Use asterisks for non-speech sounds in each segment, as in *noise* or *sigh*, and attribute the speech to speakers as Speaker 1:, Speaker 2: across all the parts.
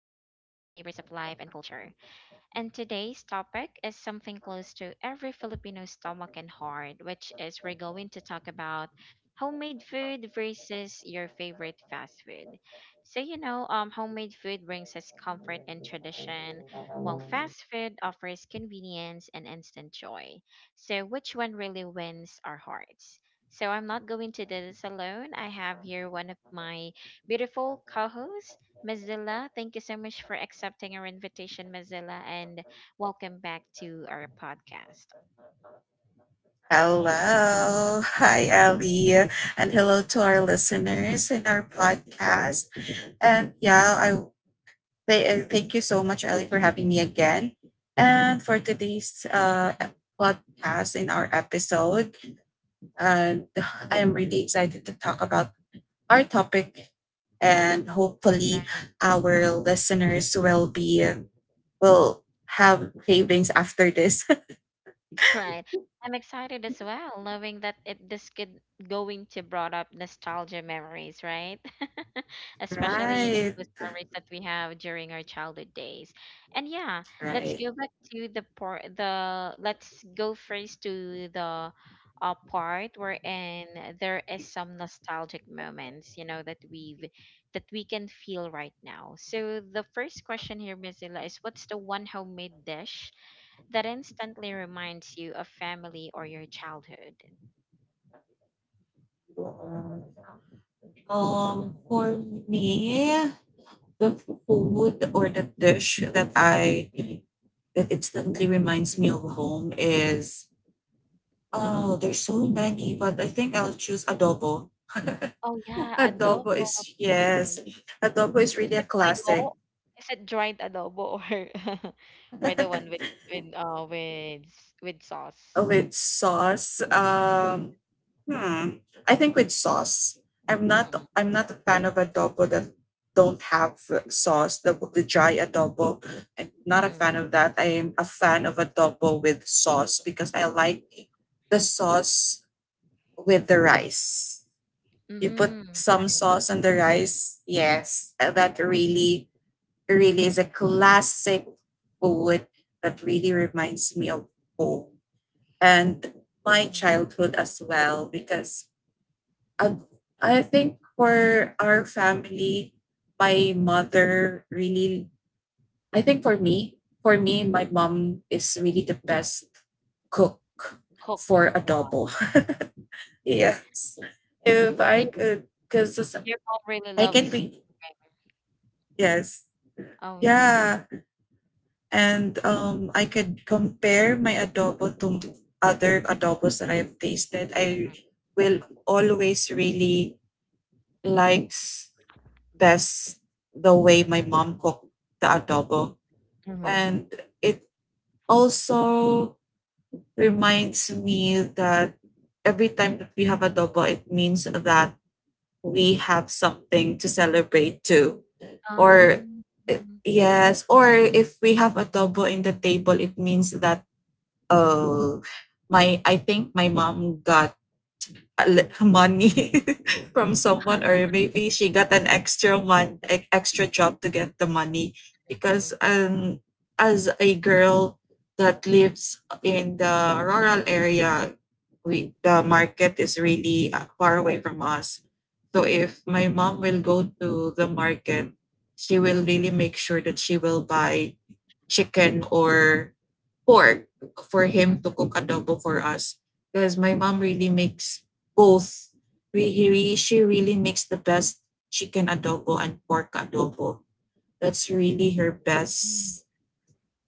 Speaker 1: flavors of life and culture. And today's topic is something close to every Filipino stomach and heart, which is we're going to talk about homemade food versus your favorite fast food. Homemade food brings us comfort and tradition, while fast food offers convenience and instant joy. So, which one really wins our hearts? So, I'm not going to do this alone. I have here one of my beautiful co hosts. Mozilla, thank you so much for accepting our invitation, Mozilla, and welcome back to our podcast.
Speaker 2: Hello. Hi, Ellie. And hello to our listeners in our podcast. And yeah, I thank you so much, Ellie, for having me again. And for today's podcast in our episode, and I am really excited to talk about our topic. And hopefully, our listeners will have cravings after this.
Speaker 1: Right. I'm excited as well, knowing that it this could going to brought up nostalgia memories, right? *laughs*
Speaker 2: *laughs*
Speaker 1: Especially, you know,
Speaker 2: Right.
Speaker 1: those memories that we have during our childhood days. And yeah, let's
Speaker 2: Right.
Speaker 1: go back to the part the let's go first to the part wherein there is some nostalgic moments, you know, that we've that we can feel right now. So the first question here, Mozilla, is what's the one homemade dish that instantly reminds you of family or your childhood.
Speaker 2: For me, the food or the dish that instantly reminds me of home is, oh, there's so many, but I think I'll choose adobo.
Speaker 1: Oh
Speaker 2: *laughs*
Speaker 1: yeah,
Speaker 2: Adobo
Speaker 1: adobo.
Speaker 2: is,
Speaker 1: Oh,
Speaker 2: yes, adobo is
Speaker 1: is
Speaker 2: really a
Speaker 1: it
Speaker 2: classic.
Speaker 1: tuyo? Is it dried adobo, or *laughs* or
Speaker 2: *laughs*
Speaker 1: the one with with sauce?
Speaker 2: With sauce. Hmm. I think with sauce, I'm not
Speaker 1: Mm-hmm.
Speaker 2: I'm not a fan of adobo that don't have sauce, the dry adobo. I'm not a
Speaker 1: Mm-hmm.
Speaker 2: fan of that. I am a fan of adobo with sauce because I like the sauce with the rice. You put
Speaker 1: Mm-hmm.
Speaker 2: some
Speaker 1: Right.
Speaker 2: sauce on the rice. Yes, that really is a classic food that really reminds me of home and my
Speaker 1: Mm.
Speaker 2: childhood as well because I, I think for our family, my mother really, I think for me, my mom is really the best cook
Speaker 1: Cook.
Speaker 2: for
Speaker 1: Wow.
Speaker 2: adobo. *laughs* Yes. If I
Speaker 1: So
Speaker 2: could, because
Speaker 1: your mom really
Speaker 2: I can
Speaker 1: loves.
Speaker 2: be, yes.
Speaker 1: Oh yeah.
Speaker 2: Yeah. And I could compare my adobo to other adobos that I've tasted. I will always really likes best the way my mom cooked the adobo.
Speaker 1: Mm-hmm.
Speaker 2: And it also reminds me that every time that we have adobo, it means that we have something to celebrate too. Or,
Speaker 1: Um.
Speaker 2: yes, or if we have adobo in the table, it means that, oh, my, I think my mom got money *laughs* from someone, or maybe she got an extra one extra job to get the money because
Speaker 1: Mm-hmm.
Speaker 2: as a girl that lives in the rural area, we the market is really far away from us. So if my mom will go to the market, she will really make sure that she will buy chicken or pork for him to
Speaker 1: Mm-hmm.
Speaker 2: cook adobo for us because my mom really makes both. We, really, she really makes the best chicken adobo and pork adobo. That's really her best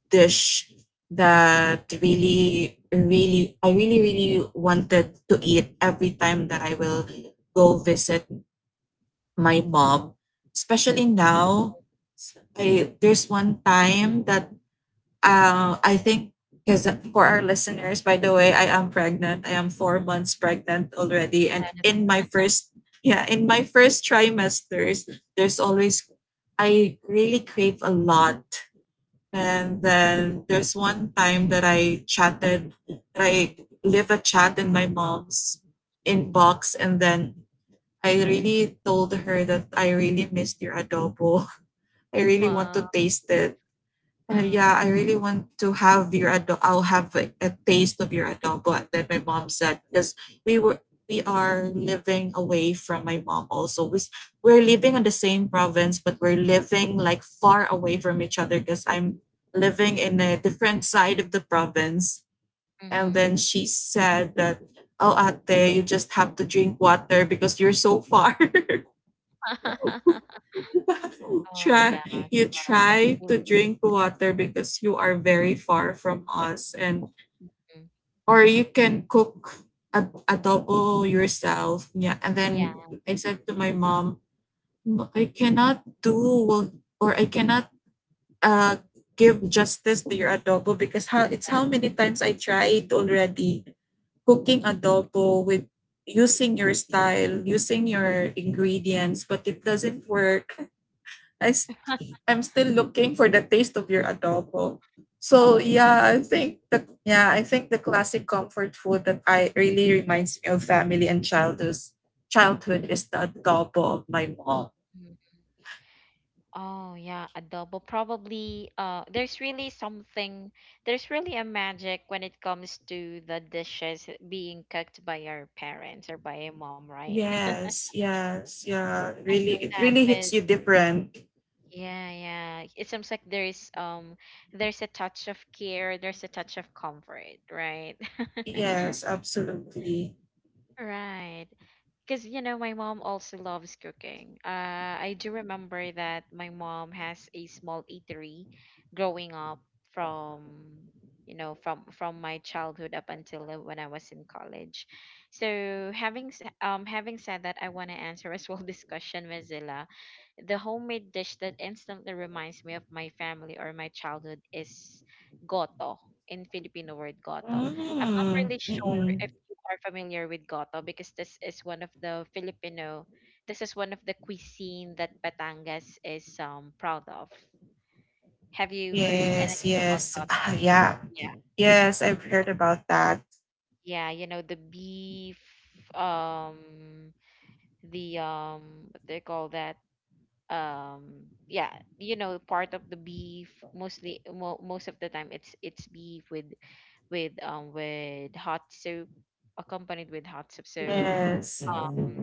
Speaker 2: dish that really, really, I really, really wanted to eat every time that I will go visit my mom. Especially now, there's one time that I think because for our listeners, by the way, I am pregnant. I am 4 months pregnant already, and
Speaker 1: Yeah.
Speaker 2: in my first yeah, in my first trimesters, there's always I really crave a lot. And then there's one time that I live a chat in my mom's inbox, and then I really told her that I really missed your adobo. *laughs* I really want to
Speaker 1: Wow.
Speaker 2: taste it.
Speaker 1: Huh.
Speaker 2: Yeah, I really want to have your adobo. I'll have a taste of your adobo. And then my mom said, because we were we are living away from my mom also. We're living in the same province, but we're living like far away from each other because I'm living in a different side of the province. And
Speaker 1: Mm-hmm.
Speaker 2: then she said that, oh, ate, you just have to drink water because you're so far. *laughs*
Speaker 1: *laughs* Mm. Oh,
Speaker 2: try
Speaker 1: yeah,
Speaker 2: you
Speaker 1: but
Speaker 2: try to
Speaker 1: really,
Speaker 2: drink water because you are very far from us, and,
Speaker 1: mm,
Speaker 2: or you can cook a adobo yourself. Yeah. And then
Speaker 1: yeah,
Speaker 2: I said to my mom, "No, I cannot do, or I cannot uh give justice to your adobo because how
Speaker 1: yeah.
Speaker 2: many times I tried already cooking
Speaker 1: Mm.
Speaker 2: adobo with using your style, using your ingredients, but it doesn't work. I s-
Speaker 1: *laughs*
Speaker 2: I'm still looking for the taste of your adobo." So
Speaker 1: Oh, yeah.
Speaker 2: yeah, I think the classic comfort food that I really reminds me of family and childhood is the adobo of my mom.
Speaker 1: Mhm. Oh, yeah, adobo. Probably, there's really something, there's really a magic when it comes to the dishes being cooked by our parents or by a mom, right? *laughs*
Speaker 2: Yes, yes, yeah.
Speaker 1: I
Speaker 2: Really
Speaker 1: know
Speaker 2: it
Speaker 1: that,
Speaker 2: really
Speaker 1: but
Speaker 2: hits you different.
Speaker 1: yeah, yeah. It seems like there's a touch of care, there's a touch of comfort, right? *laughs*
Speaker 2: Yes, absolutely.
Speaker 1: Right. Because, you know, my mom also loves cooking. I do remember that my mom has a small eatery growing up from, you know, from my childhood up until when I was in college. So having said that, I want to answer *laughs* as well this question, Ms. Zilla. The homemade dish that instantly reminds me of my family or my childhood is goto, in Filipino word goto. I'm not
Speaker 2: Mm,
Speaker 1: really sure
Speaker 2: mm-mm.
Speaker 1: if you are familiar with goto because this is one of the cuisine that Batangas is proud of. Have you heard anything
Speaker 2: Yes,
Speaker 1: about
Speaker 2: yes. *laughs*
Speaker 1: goto?
Speaker 2: Ah, yeah.
Speaker 1: Yeah.
Speaker 2: Yes, I've heard about that.
Speaker 1: Yeah, you know the beef, um the what they call that, um yeah you know, part of the beef, mostly most of the time it's beef with hot soup, accompanied with hot soup. So,
Speaker 2: Yes.
Speaker 1: um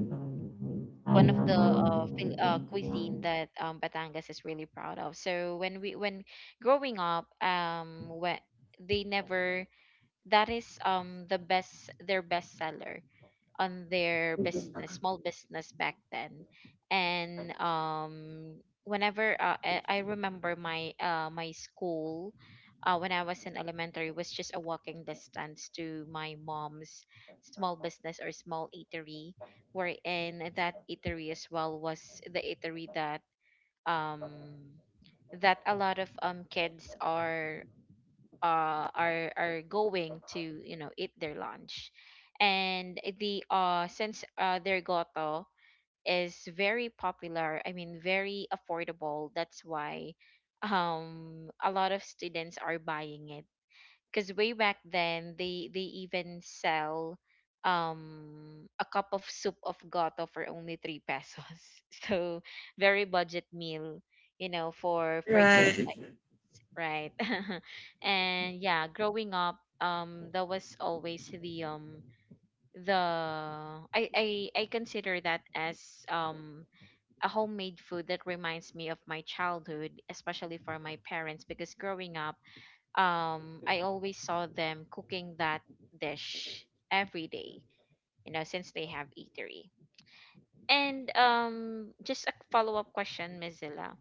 Speaker 1: one of the cuisine that Batangas is really proud of. So when we when growing up, when they never that is the best, their best seller on their business, small business back then. And whenever I remember my my school, when I was in elementary, was just a walking distance to my mom's small business or small eatery, wherein that eatery as well was the eatery that um that a lot of kids are going to, you know, eat their lunch. And the Since their goto is very popular, I mean very affordable, that's why *laughs* a lot of students are buying it, because way back then they even sell a cup of soup of goto for only 3 pesos. *laughs* So very budget meal, you know, for kids,
Speaker 2: Right.
Speaker 1: right? *laughs* And yeah, growing up, that was always the I, I consider that as a homemade food that reminds me of my childhood, especially for my parents, because growing up, I always saw them cooking that dish every day, you know, since they have eatery. And just a follow-up question, Mozilla,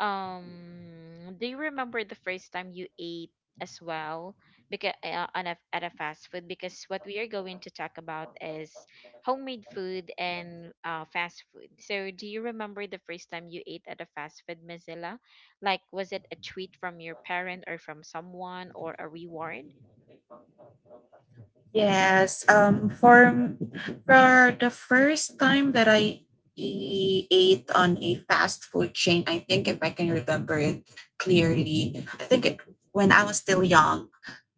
Speaker 1: do you remember the first time you ate as well? Because at a fast food, because what we are going to talk about is homemade food and fast food. So, do you remember the first time you ate at a fast food, Mozilla? Like, was it a treat from your parent or from someone or a reward?
Speaker 2: Yes, for the first time that I ate on a fast food chain, I think if I can remember it clearly, I think it, when I was still young,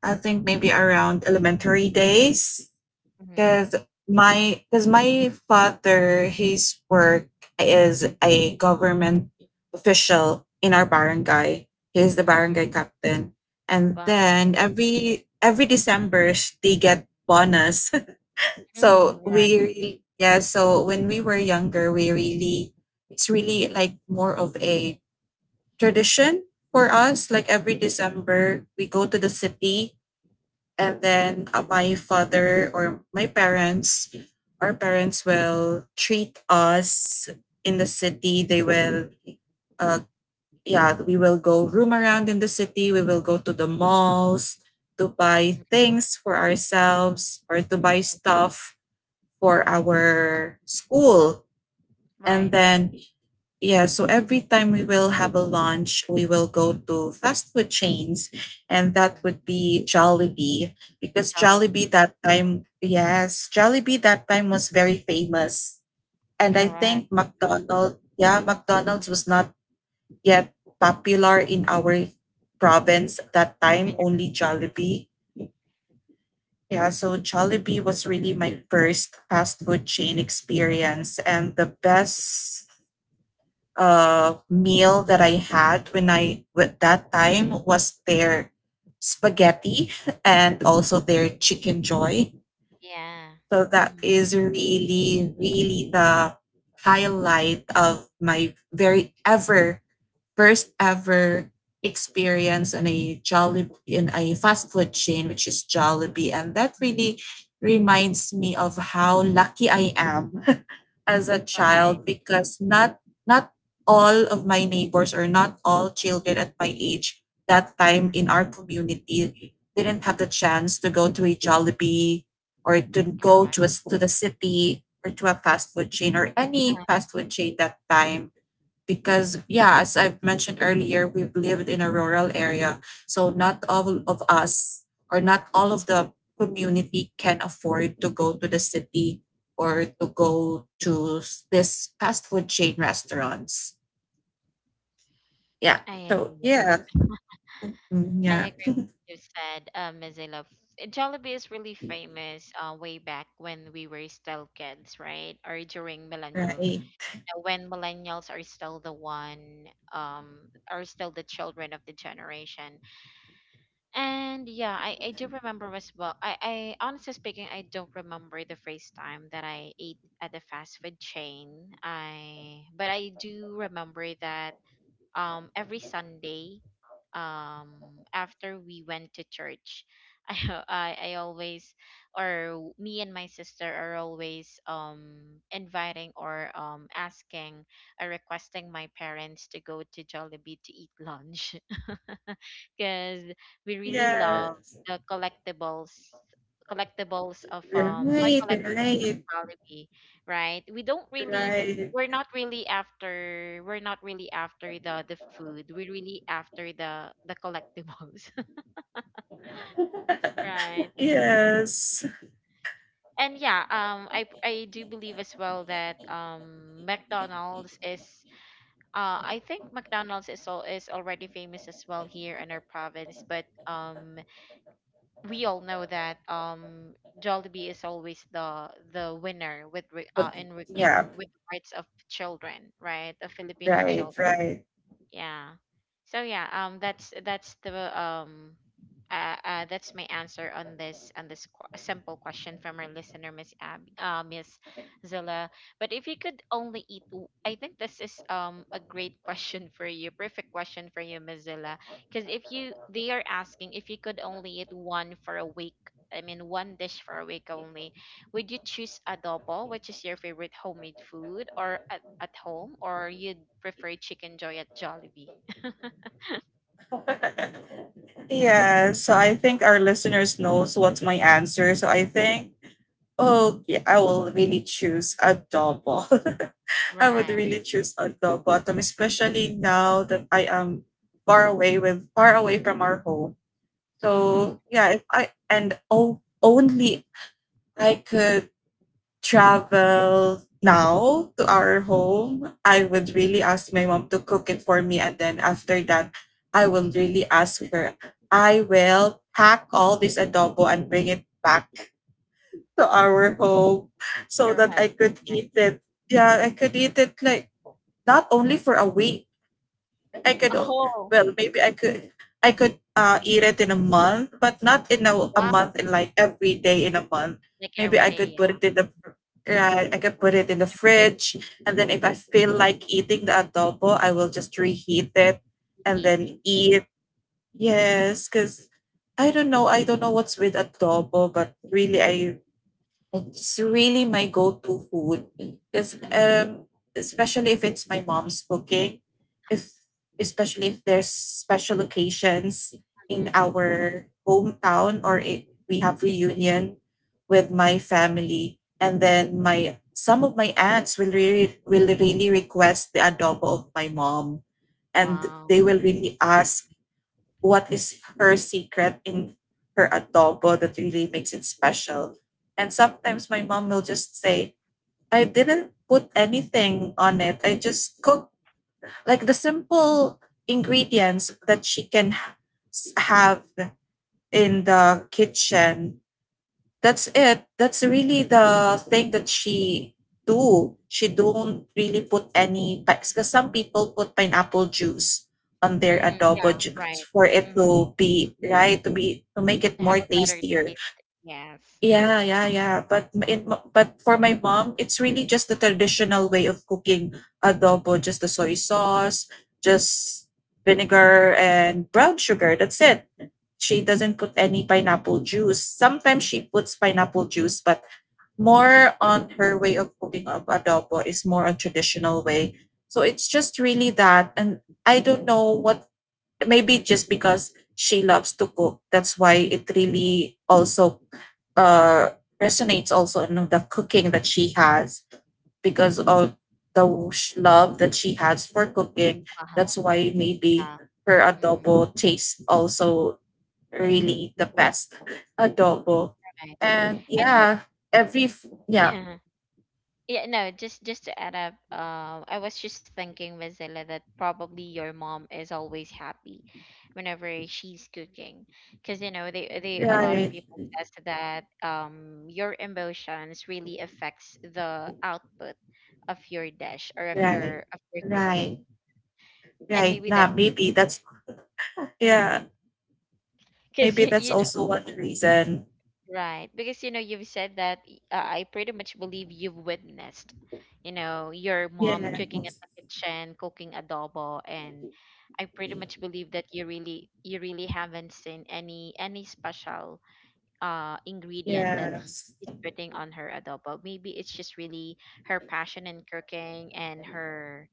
Speaker 2: I think maybe
Speaker 1: Mm-hmm.
Speaker 2: around elementary days
Speaker 1: Mm-hmm.
Speaker 2: because my father, his work is a government official in our barangay. He's the
Speaker 1: Mm.
Speaker 2: barangay captain, and
Speaker 1: Wow.
Speaker 2: then every December they get bonus. *laughs* So
Speaker 1: Mm-hmm. Right.
Speaker 2: we really, yeah, so when we were younger, we really it's really like more of a tradition for us.
Speaker 1: Mm-hmm.
Speaker 2: Like every December we go to the city, and then my father or my parents our parents will treat us in the city. They will uh yeah, we will go roam around in the city, we will go to the malls to buy things for ourselves or to buy
Speaker 1: Mm-hmm.
Speaker 2: stuff for our school. And
Speaker 1: Right.
Speaker 2: then yeah, so every time we will have a lunch, we will go to fast food chains, and that
Speaker 1: Mm.
Speaker 2: would be Jollibee because
Speaker 1: Child.
Speaker 2: Jollibee that time, yes, Jollibee that time was very famous. And I
Speaker 1: Correct.
Speaker 2: think McDonald, yeah, McDonald's was not yet popular in our
Speaker 1: Mm.
Speaker 2: province at that time,
Speaker 1: When you're-
Speaker 2: only Jollibee. Yeah, so Jollibee was really my first fast food chain experience, and the best meal that I had when I with that time was their spaghetti and also their chicken joy.
Speaker 1: Yeah.
Speaker 2: So that
Speaker 1: Mm-hmm.
Speaker 2: is really, really the highlight of my very ever first ever experience on a Jolly in a fast food chain, which is Jollibee, and that really reminds me of how lucky I am *laughs* as a
Speaker 1: Right,
Speaker 2: child because not all of my neighbors or not all children at my age that time in our community didn't have the chance to go to a Jollibee or to
Speaker 1: correct.
Speaker 2: go to to the city, or to a fast food chain or
Speaker 1: Uh,
Speaker 2: any fast food chain that time because, yeah, as I've mentioned earlier, we've lived in a rural area, so not all of us or not all of the community can afford to go to the city or to go to this fast food chain restaurants. Yeah,
Speaker 1: I
Speaker 2: so
Speaker 1: agree.
Speaker 2: yeah. Mm,
Speaker 1: I agree
Speaker 2: yeah.
Speaker 1: with what you said, Ms. Zayla. F- Jollibee is really famous way back when we were still kids, right? Or during millennial,
Speaker 2: Right.
Speaker 1: when millennials are still the one, are still the children of the generation. And yeah, I do remember as well. I honestly speaking, I don't remember the first time that I ate at the fast food chain. I But I do remember that every Sunday, after we went to church, *laughs* I always, or me and my sister, are always inviting, or asking, or requesting my parents to go to Jollibee to eat lunch, *laughs* because we really love
Speaker 2: Yes.
Speaker 1: the collectibles of toy
Speaker 2: Right, right,
Speaker 1: Jollibee, right?
Speaker 2: right.
Speaker 1: We're not really after, the food. We're really after the collectibles. *laughs* Right.
Speaker 2: *laughs* Yes.
Speaker 1: And yeah, I do believe as well that McDonald's is I think McDonald's is all is already famous as well here in our province, but we all know that Jollibee is always the winner with
Speaker 2: Yeah.
Speaker 1: in with the rights of children, right? Of Filipino children.
Speaker 2: Right,
Speaker 1: Yeah. So yeah, that's the um that's my answer on this simple question from our listener, Miss Zilla. But if you could only eat, w- I think this is a great *laughs* question for you, perfect question for you, Miss Zilla, because if you, they are asking, if you could only eat one for a week. I mean, one dish for a week only. Would you choose adobo, which is your favorite homemade food, or at home, or you'd prefer chicken joy at Jollibee? *laughs*
Speaker 2: right. *laughs* Yeah, so I think our listeners knows what's my answer. So I think, oh, yeah, I will really choose adobo. *laughs* I would
Speaker 1: Right.
Speaker 2: really choose adobo, atom, especially now that I am far away with far away from our home.
Speaker 1: Mm-hmm.
Speaker 2: So yeah, if only I could travel now to our home, I would really ask my mom to cook it for me. And then after that, I will really ask her, I will pack all this adobo and bring it back to our home so that
Speaker 1: Correct.
Speaker 2: I could eat it. Yeah, I could eat it like not only for a week, I could
Speaker 1: Oh,
Speaker 2: well, maybe I could eat it in a month, but not in a
Speaker 1: wow.
Speaker 2: month in like every day in a month.
Speaker 1: Like
Speaker 2: Maybe
Speaker 1: every
Speaker 2: I could
Speaker 1: day,
Speaker 2: put
Speaker 1: yeah.
Speaker 2: it in the right, I could put it in
Speaker 1: And
Speaker 2: the
Speaker 1: the fridge
Speaker 2: fridge, and then if I feel like eating the adobo, I will just reheat it
Speaker 1: you
Speaker 2: and
Speaker 1: heat it.
Speaker 2: then eat. Yes, because I don't know what's with adobo, but really I it's really my go-to food. Because
Speaker 1: Mm-hmm.
Speaker 2: especially if it's my mom's cooking, if especially if there's special occasions in our hometown, or if we have reunion with my family, and then my some of my aunts will really request the adobo of my mom, and
Speaker 1: Wow.
Speaker 2: they will really ask what is her secret in her adobo that really makes it special. And sometimes my mom will just say, I didn't put anything on it. I just cooked like the simple ingredients that she can have in the kitchen, that's it. That's really the thing that she do. She don't really put any because some people put pineapple juice on their
Speaker 1: Mm-hmm. Yeah,
Speaker 2: adobo juice
Speaker 1: right.
Speaker 2: for it
Speaker 1: Mm-hmm.
Speaker 2: to be right, to be, to make it
Speaker 1: To
Speaker 2: more
Speaker 1: have a better
Speaker 2: tastier.
Speaker 1: taste. Yes.
Speaker 2: Yeah, yeah, yeah. But m- in, m- but for my mom, it's really just the traditional way of cooking adobo, just the soy sauce, just vinegar and brown sugar. That's it, she doesn't put any pineapple juice. Sometimes she puts pineapple juice, but more on her way of cooking of adobo is more on traditional way. So it's just really that, and I don't know what. Maybe just because she loves to cook, that's why it really also resonates also in the cooking that she has because of the love that she has for cooking.
Speaker 1: Wow.
Speaker 2: That's why maybe
Speaker 1: Yeah.
Speaker 2: her
Speaker 1: Mm-hmm.
Speaker 2: adobo taste also really the best adobo.
Speaker 1: Right.
Speaker 2: And
Speaker 1: And you-
Speaker 2: yeah,
Speaker 1: *clears throat*
Speaker 2: yeah,
Speaker 1: *laughs* Yeah, no, just to add up, I was just thinking, Mozilla, that probably your mom is always happy whenever she's cooking, because you know they a lot of
Speaker 2: right,
Speaker 1: people says that your emotions really affects the output of your dish or of
Speaker 2: right,
Speaker 1: your
Speaker 2: right,
Speaker 1: cooking, and
Speaker 2: right.
Speaker 1: maybe
Speaker 2: Nah,
Speaker 1: that
Speaker 2: maybe that's yeah,
Speaker 1: because
Speaker 2: maybe that's
Speaker 1: you-
Speaker 2: also one reason.
Speaker 1: Right, because you know you've said that I pretty much believe you've witnessed, you know, your
Speaker 2: Yeah,
Speaker 1: mom cooking in the kitchen, cooking adobo, and I pretty much believe that you really, you really haven't seen any special ingredient that
Speaker 2: yes,
Speaker 1: is putting on her adobo. Maybe it's just really her passion in cooking and her,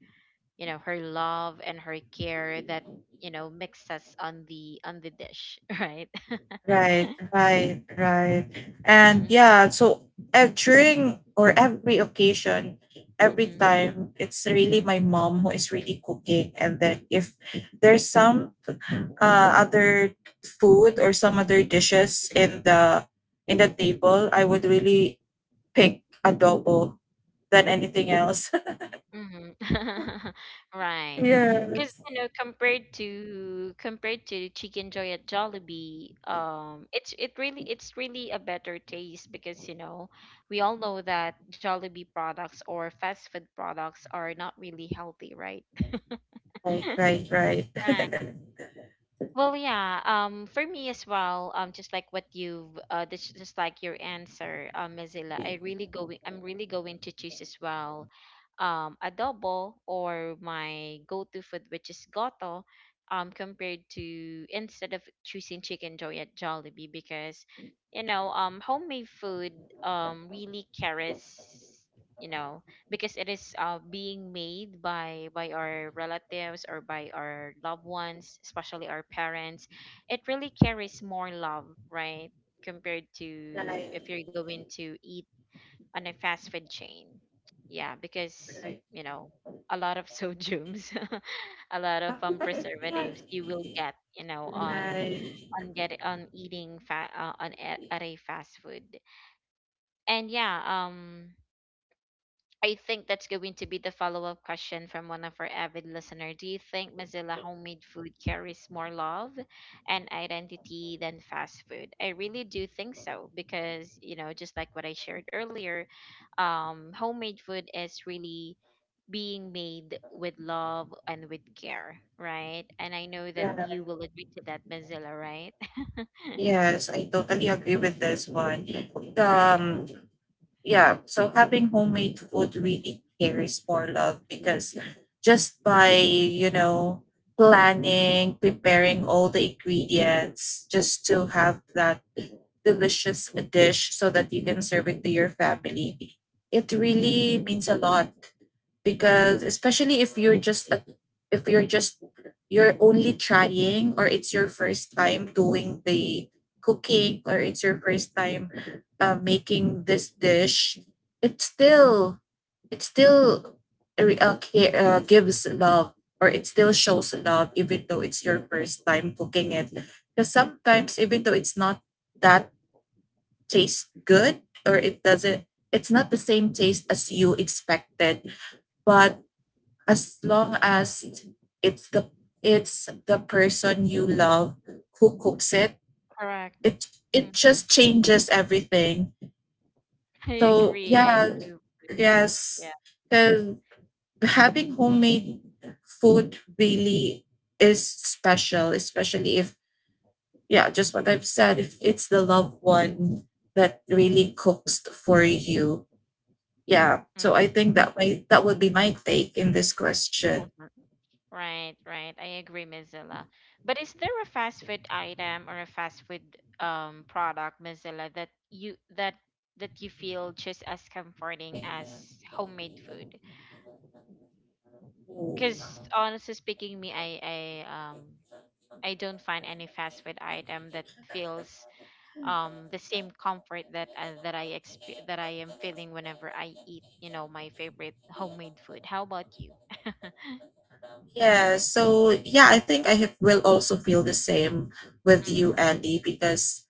Speaker 1: you know, her love and her care that, you know, mixes on the dish, *laughs* right? *laughs*
Speaker 2: right, right, right. And yeah, so during or every occasion, every
Speaker 1: Mm-hmm.
Speaker 2: time, it's really my mom who is really cooking. And then if there's some other food or some other dishes in the table, I would really pick adobo than anything else.
Speaker 1: Mhm. *laughs*
Speaker 2: *laughs*
Speaker 1: Right. Because,
Speaker 2: Yes.
Speaker 1: you know, compared to compared to Chicken Joy at Jollibee, it's it's really a better taste because, you know, we all know that Jollibee products or fast food products are not really healthy, right?
Speaker 2: Right, right, right. *laughs*
Speaker 1: *laughs*
Speaker 2: Right,
Speaker 1: Well, yeah. For me as well. Just like what you've, this, Just like your answer, Mozilla. I really go. I'm really going to choose as well, adobo or my go-to food, which is goto. Compared to, instead of choosing chicken joy at Jollibee because, you know, homemade food really carries, you know, because it is being made by our relatives or by our loved ones, especially our parents. It really carries more love, right, compared to
Speaker 2: right.
Speaker 1: if you're going to eat on a fast food chain. Yeah, because, you know, a lot of sodiums, *laughs* a lot of
Speaker 2: Right,
Speaker 1: preservatives you will get, you know,
Speaker 2: right. *laughs*
Speaker 1: on get on eating fat on, at a fast food. And yeah, I think that's going to be the follow up question from one of our avid listener. Do you think, Mozilla, homemade food carries more love and identity than fast food? I really do think so because, you know, just like what I shared earlier, homemade food is really being made with love and with care, right? And I know that you will agree to that, Mozilla, right? *laughs*
Speaker 2: Yes, I totally agree with this one.
Speaker 1: Right.
Speaker 2: Um, Yeah, so having homemade food really carries more love because just by, you know, planning, preparing all the ingredients just to have that delicious dish so that you can serve it to your family, it
Speaker 1: Mm,
Speaker 2: really means a lot because especially if you're just a- if you're just you're only trying or it's your first time doing the cooking or it's your first time making this dish it still it still gives love or it still shows love even though it's your first time cooking it because sometimes even though it's not that taste good or it doesn't it's not the same taste as you expected but as long as it's the it's the person you love who cooks it
Speaker 1: correct.
Speaker 2: it
Speaker 1: Hmm.
Speaker 2: just changes everything.
Speaker 1: I
Speaker 2: So
Speaker 1: agree. I
Speaker 2: yeah,
Speaker 1: agree with what you said. Yeah.
Speaker 2: yes, because having homemade food really is special, especially if, yeah, just what I've said, if it's the loved one that really cooks for you. Yeah, so I think that my that would be my take in this
Speaker 1: Mhm.
Speaker 2: question.
Speaker 1: *laughs* Right, right. I agree, Mozilla. But is there a fast food item or a fast food product, Mozilla, that you that that you feel just as comforting as homemade food? Because honestly speaking, me, I I don't find any fast food item that feels the same comfort that I am feeling whenever I eat, my favorite homemade food. How about you? *laughs*
Speaker 2: Yeah, so yeah, I think I have, will also feel the same with you,
Speaker 1: Mm-hmm.
Speaker 2: Andy, because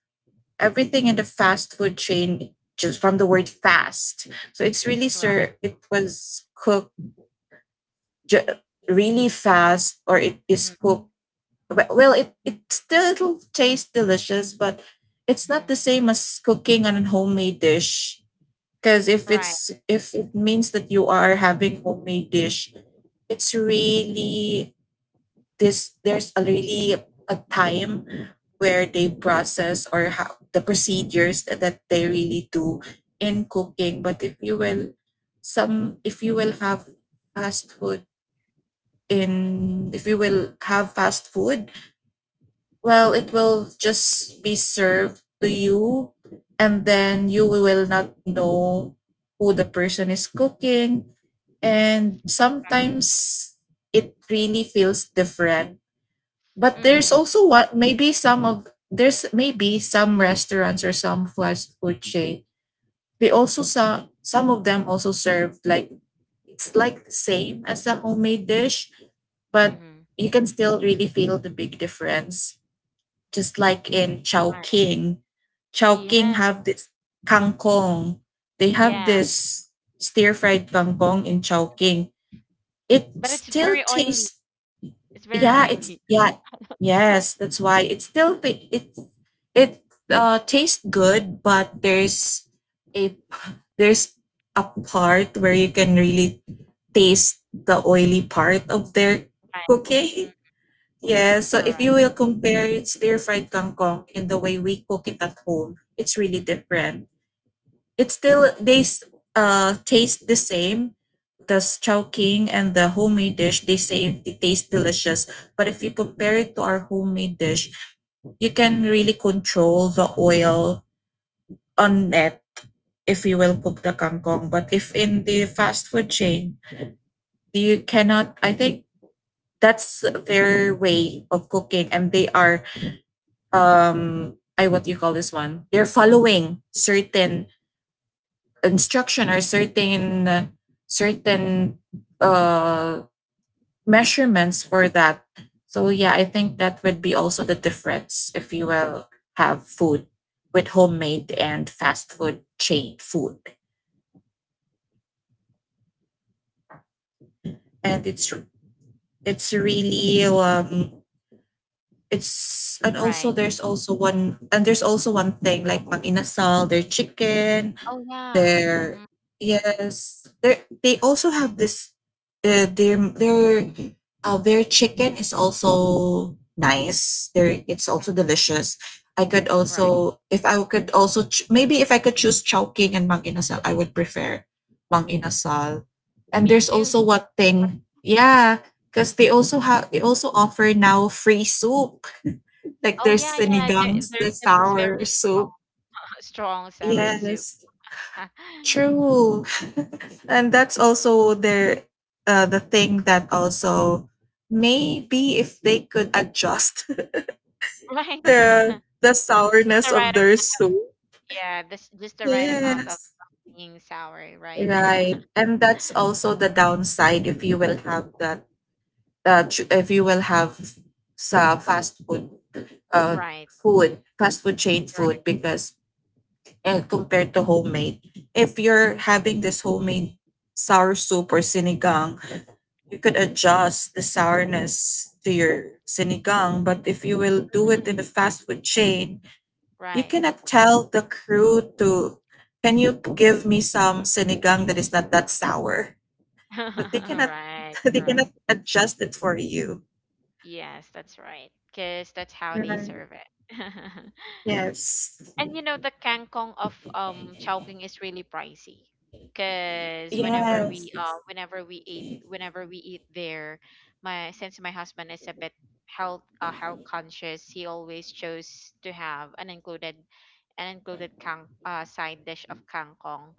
Speaker 2: everything in the fast food chain just from the word fast. So it's really
Speaker 1: Right.
Speaker 2: sir, it was cooked ju- really fast or it is cooked. Well, it still tastes delicious, but it's
Speaker 1: Mm-hmm.
Speaker 2: not the same as cooking on a homemade dish. Because if
Speaker 1: Right.
Speaker 2: it's if it means that you are having homemade dish, it's really this there's already a time where they process or how the procedures that they really do in cooking but if you will some if you will have fast food in if you will have fast food well it will just be served to you and then you will not know who the person is cooking and sometimes it really feels different but there's
Speaker 1: Mm-hmm.
Speaker 2: also what maybe some of there's maybe some restaurants or some fast food chain. They also some of them also serve like it's like the same as a homemade dish, but
Speaker 1: Mm-hmm.
Speaker 2: you can still really feel the big difference. Just like in
Speaker 1: Right.
Speaker 2: Chowking, Chowking
Speaker 1: Yeah.
Speaker 2: have this kangkong. They have
Speaker 1: Yeah.
Speaker 2: this stir fried kangkong in Chowking. It
Speaker 1: But it's
Speaker 2: still
Speaker 1: very oily.
Speaker 2: tastes
Speaker 1: It's very
Speaker 2: yeah, it's
Speaker 1: oily. *laughs*
Speaker 2: yeah, yes, that's why it it tastes good, but a there's a part where you can really taste the oily part of their
Speaker 1: Right.
Speaker 2: cooking.
Speaker 1: Mm,
Speaker 2: *laughs* Yeah, so
Speaker 1: correct.
Speaker 2: if you will compare it stir fried kangkong in the way we cook it at home, it's really different. It still taste the same. The chowking and the homemade dish, they say it tastes delicious. But if you compare it to our homemade dish, you can really control the oil on it if you will cook the kangkong. But if in the fast food chain, you cannot. I think that's their way of cooking, and they are I what do you call this one? They're following certain instruction or certain certain uh, measurements for that. So yeah, I think that would be also the difference if you will have food with homemade and fast food chain food, and it's really it's and
Speaker 1: Right.
Speaker 2: also there's also one and there's also one thing like mag inasal their chicken.
Speaker 1: Oh yeah. Mm-hmm.
Speaker 2: They're yes. They also have this. Their their chicken is also nice. Their it's also delicious. I could
Speaker 1: Right.
Speaker 2: also if I could also maybe if I could choose Chowking and Mang Inasal, I would prefer Mang Inasal. And
Speaker 1: Me
Speaker 2: there's
Speaker 1: too.
Speaker 2: also one thing, yeah, because they also have they also offer now free soup. Like
Speaker 1: Oh yeah,
Speaker 2: there's
Speaker 1: yeah.
Speaker 2: sinigangs,
Speaker 1: Their
Speaker 2: there's
Speaker 1: soup is very
Speaker 2: sour
Speaker 1: strong.
Speaker 2: soup.
Speaker 1: *laughs* Strong savory soup.
Speaker 2: Yes.
Speaker 1: *laughs*
Speaker 2: True. *laughs* And that's also their the thing that also maybe if they could adjust *laughs*
Speaker 1: Right. *laughs*
Speaker 2: the
Speaker 1: Just
Speaker 2: the
Speaker 1: the
Speaker 2: sourness
Speaker 1: right.
Speaker 2: of
Speaker 1: am-
Speaker 2: their soup.
Speaker 1: Yeah. This just the right amount
Speaker 2: Yes.
Speaker 1: of being sour. Right. *laughs*
Speaker 2: Right. And that's also the downside if you will have that if you will have sa fast food uh
Speaker 1: Right.
Speaker 2: food, fast food chain
Speaker 1: Correct.
Speaker 2: food because compared to homemade, if you're having this homemade sour soup or sinigang you could adjust the sourness to your sinigang, but if you will do it
Speaker 1: Hmm.
Speaker 2: in the fast food chain, you
Speaker 1: Right.
Speaker 2: cannot tell the crew to, can you give me some sinigang that is not that sour? But they
Speaker 1: *laughs*
Speaker 2: cannot,
Speaker 1: Right.
Speaker 2: *laughs* they
Speaker 1: Correct.
Speaker 2: cannot adjust it for you.
Speaker 1: Yes, that's right. Because that's how they
Speaker 2: Right.
Speaker 1: serve it. *laughs*
Speaker 2: Yes.
Speaker 1: And the kangkong of Chowking is really pricey. Cause
Speaker 2: Yes.
Speaker 1: whenever we eat there, my since my husband is a bit health conscious, he always chose to have an included kang side dish of kangkong,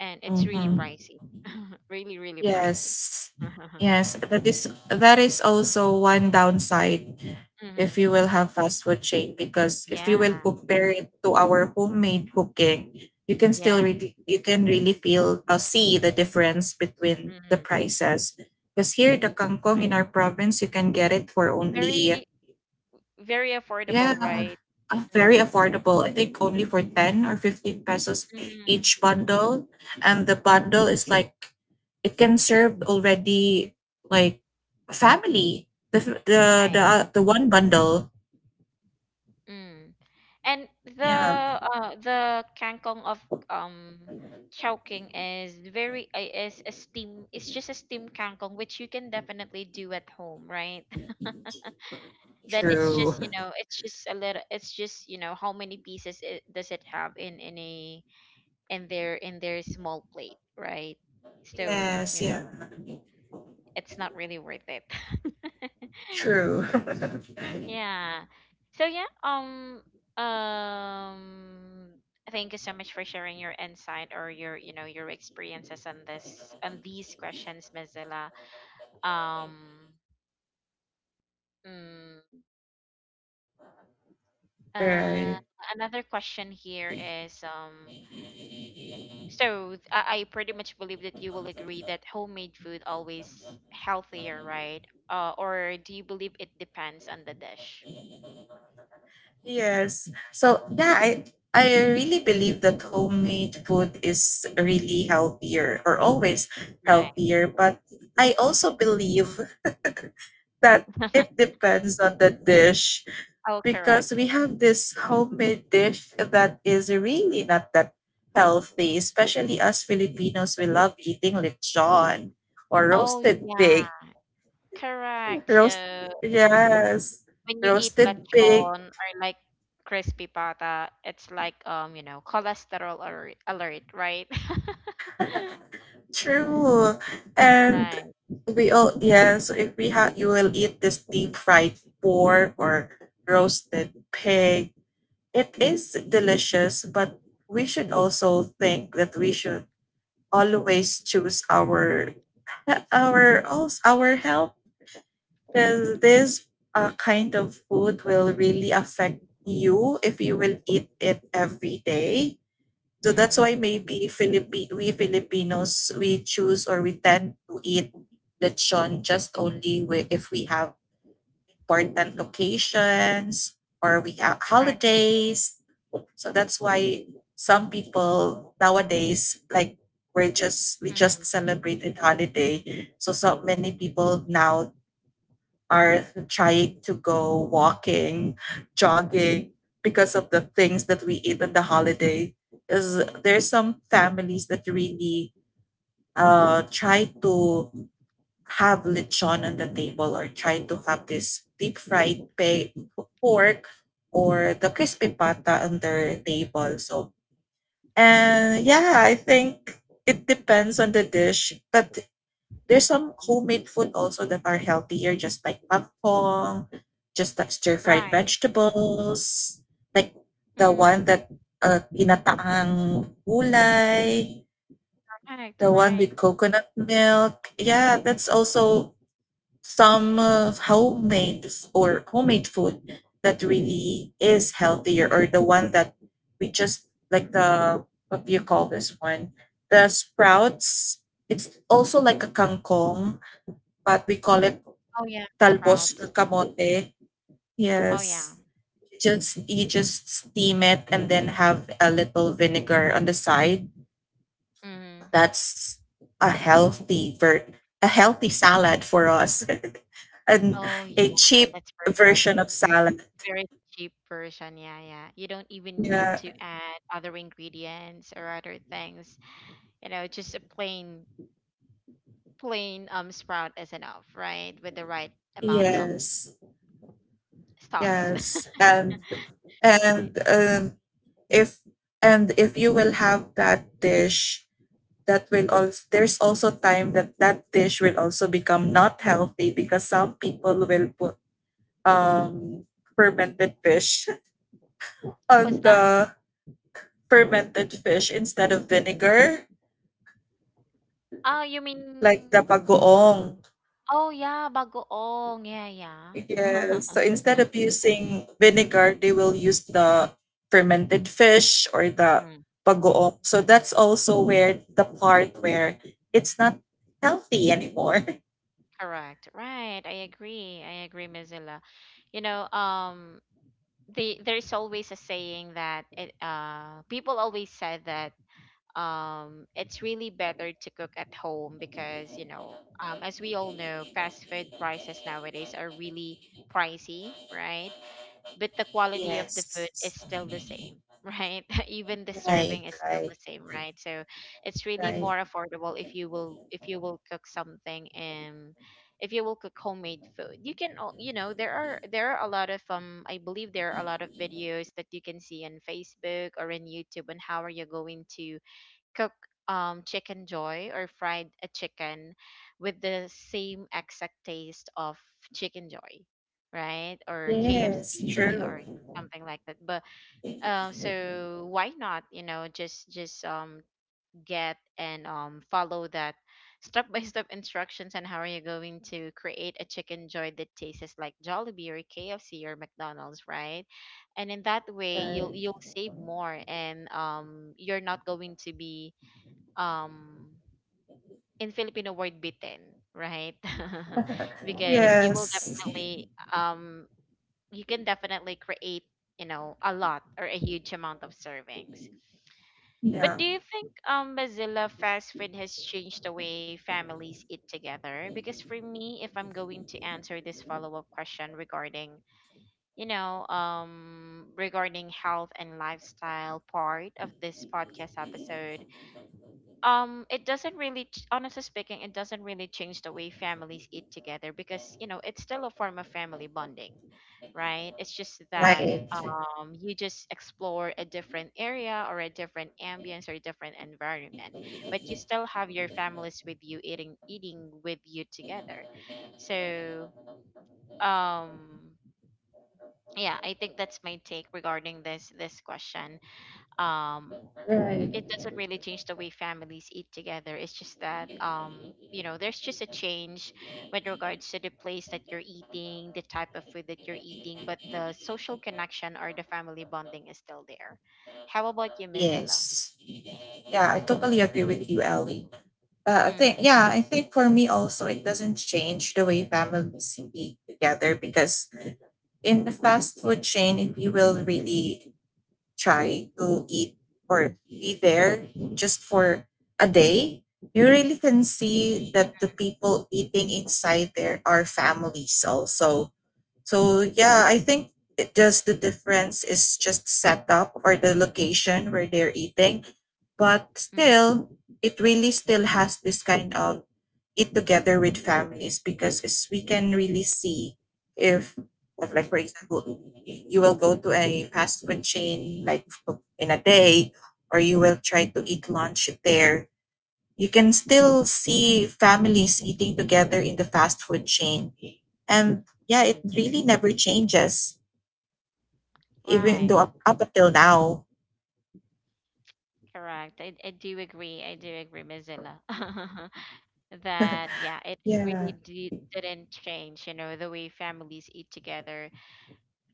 Speaker 1: and it's really
Speaker 2: Mm-hmm.
Speaker 1: pricey, *laughs* really really pricey.
Speaker 2: Yes.
Speaker 1: *laughs*
Speaker 2: Yes. That is also one downside
Speaker 1: Hmm.
Speaker 2: if you will have fast food chain because if you
Speaker 1: Yeah,
Speaker 2: will compare it to our homemade cooking you can still
Speaker 1: yeah.
Speaker 2: really you can really feel see the difference between the
Speaker 1: Hmm.
Speaker 2: prices because here the kangkong in our province you can get it for only
Speaker 1: Very very
Speaker 2: yeah,
Speaker 1: affordable, right?
Speaker 2: very affordable, I think only for 10 or 15 pesos
Speaker 1: Mm-hmm.
Speaker 2: each bundle, and the bundle is like it can serve already like a family the f-
Speaker 1: Right.
Speaker 2: the one bundle.
Speaker 1: Mm. And
Speaker 2: Yeah.
Speaker 1: the kangkong of um Chowking is very is a steam it's just a steam kangkong which you can definitely do at home, right? *laughs* Then it's just,
Speaker 2: True.
Speaker 1: you know, it's just a little you know, how many pieces does it have in a in their small plate, right? So,
Speaker 2: Yes,
Speaker 1: you know,
Speaker 2: yeah.
Speaker 1: it's not really worth it. *laughs*
Speaker 2: True.
Speaker 1: Yeah. So yeah, um thank you so much for sharing your insight or your, you know, your experiences on this on these questions, Mozilla. Um mm,
Speaker 2: *laughs*
Speaker 1: uh
Speaker 2: Right.
Speaker 1: Another question here is so I pretty much believe that you will agree that homemade food always healthier, right? Or do you believe it depends on the dish?
Speaker 2: Yes. So yeah, I really believe that homemade food is really healthier or always
Speaker 1: Right.
Speaker 2: healthier, but I also believe that it
Speaker 1: *laughs*
Speaker 2: depends on the dish
Speaker 1: Oh,
Speaker 2: because
Speaker 1: correct.
Speaker 2: we have this homemade dish that is really not that healthy, especially us Filipinos, we love eating lechon or
Speaker 1: Oh,
Speaker 2: roasted
Speaker 1: yeah.
Speaker 2: pig.
Speaker 1: Correct.
Speaker 2: Roast,
Speaker 1: So
Speaker 2: yes,
Speaker 1: when you eat
Speaker 2: roasted pig.
Speaker 1: lechon or like crispy pata, it's like you know, cholesterol alert, alert right? *laughs*
Speaker 2: True. And
Speaker 1: Right.
Speaker 2: we all, yeah, so if we have, you will eat this deep fried pork or roasted pig. It is delicious, but we should also think that we should always choose our also our health because this kind of food will really affect you if you will eat it every day. So that's
Speaker 1: Mm-hmm.
Speaker 2: why maybe Philippi we Filipinos we choose or we tend to eat lechon just only if we have important occasions or we have
Speaker 1: Correct.
Speaker 2: holidays. So that's why some people nowadays like we're just we
Speaker 1: Mm-hmm.
Speaker 2: just celebrated holiday. So so many people now are trying to go walking, jogging because of the things that we eat on the holiday. Is there's some families that really try to have lechon on the table or try to have this pork or the crispy pata on their table. So and yeah, I think it depends on the dish, but there's some homemade food also that are healthier, just like pangpong, just like stir
Speaker 1: Right.
Speaker 2: fried vegetables, like the
Speaker 1: Mm-hmm.
Speaker 2: one that ginataang gulay,
Speaker 1: Correct.
Speaker 2: the one
Speaker 1: Right.
Speaker 2: with coconut milk. Yeah, that's also some homemade f- or homemade food that really is healthier, or the one that we just like the what do you call this one? The sprouts. It's also like a kangkong but we call it
Speaker 1: Oh yeah,
Speaker 2: talbos
Speaker 1: sprout.
Speaker 2: or
Speaker 1: Mm.
Speaker 2: kamote.
Speaker 1: Oh yeah.
Speaker 2: Yes. Just you just steam it and then have a little vinegar on the side.
Speaker 1: Mm-hmm.
Speaker 2: That's a a healthy salad for us *laughs* and
Speaker 1: Oh yeah,
Speaker 2: a cheap
Speaker 1: that's perfect.
Speaker 2: version of salad.
Speaker 1: Very cheap version. Yeah, yeah. You don't even need
Speaker 2: Yeah.
Speaker 1: to add other ingredients or other things. You know, just a plain plain sprout is enough, right? With the right amount of
Speaker 2: Yes.
Speaker 1: stars. *laughs*
Speaker 2: Yes. And
Speaker 1: Right.
Speaker 2: and if and if you will have that dish that will also there's also time that that dish will also become not healthy because some people will put um fermented fish *laughs*
Speaker 1: What's
Speaker 2: on
Speaker 1: that?
Speaker 2: the fermented fish instead of vinegar
Speaker 1: Oh, you
Speaker 2: like
Speaker 1: mean
Speaker 2: the pagoong.
Speaker 1: oh yeah, bagoong. Yeah, yeah.
Speaker 2: Yes,
Speaker 1: *laughs*
Speaker 2: so instead of using vinegar they will use the fermented fish or the
Speaker 1: Mhm.
Speaker 2: pagoong, so that's also where the part where it's not healthy anymore. *laughs*
Speaker 1: Correct. Right. I agree. I agree, Mozilla. You know, there's always a saying that it people always said that it's really better to cook at home because, you know, um, as we all know, fast food prices nowadays are really pricey, right? But the quality of the food is
Speaker 2: Yes.
Speaker 1: still the same, right? *laughs* Even the serving
Speaker 2: Right,
Speaker 1: is still the
Speaker 2: right,
Speaker 1: same, right? So it's really
Speaker 2: right.
Speaker 1: more affordable if you will cook something, and if you will cook homemade food you can you know, there are a lot of I believe there are a lot of videos that you can see on Facebook or in YouTube on how are you going to cook chicken joy or fried a chicken with the same exact taste of chicken joy, right? Or KFC
Speaker 2: Yes, true.
Speaker 1: or something like that. But so why not, you know, just get and follow that step by step instructions on how are you going to create a chicken joy that tastes like Jollibee or KFC or McDonald's, right? And in that way
Speaker 2: Uh,
Speaker 1: you'll save more, and you're not going to be um in Filipino word bitten, right? *laughs* Because you will
Speaker 2: yes.
Speaker 1: definitely you can definitely create, you know, a lot or a huge amount of servings. But
Speaker 2: Yeah.
Speaker 1: do you think Mozilla, fast food has changed the way families eat together? Because for me, if I'm going to answer this follow-up question regarding, you know, regarding health and lifestyle part of this podcast episode, it doesn't really honestly speaking, it doesn't really change the way families eat together, because you know it's still a form of family bonding, right? It's just that
Speaker 2: Right.
Speaker 1: you just explore a different area or a different ambience or a different environment, but you still have your families with you eating with you together. So um yeah, I think that's my take regarding this question. um it
Speaker 2: Right.
Speaker 1: doesn't really change the way families eat together. It's just that you know, there's just a change with regards to the place that you're eating, the type of food that you're eating, but the social connection or the family bonding is still there. How about you, Mizilla?
Speaker 2: Yes. Yeah, I totally agree with you, Ellie. I think
Speaker 1: Mm,
Speaker 2: yeah, I think for me also it doesn't change the way families speak together because in the fast food chain, if you will really try to eat or be there just for a day, you really can see that the people eating inside there are families also. So yeah, I think it just the difference is just setup or the location where they're eating. But
Speaker 1: mm,
Speaker 2: still, it really still has this kind of eat together with families because it's, we can really see if if like for example you will go to a fast food chain like in a day or you will try to eat lunch there you can still see families eating together in the fast food chain. And yeah,
Speaker 1: mm.
Speaker 2: it really never changes, even
Speaker 1: Right.
Speaker 2: though up until now.
Speaker 1: Correct. I do agree. I do agree, Mizilla. *laughs* That yeah, it really
Speaker 2: Yeah.
Speaker 1: didn't change, you know, the way families eat together.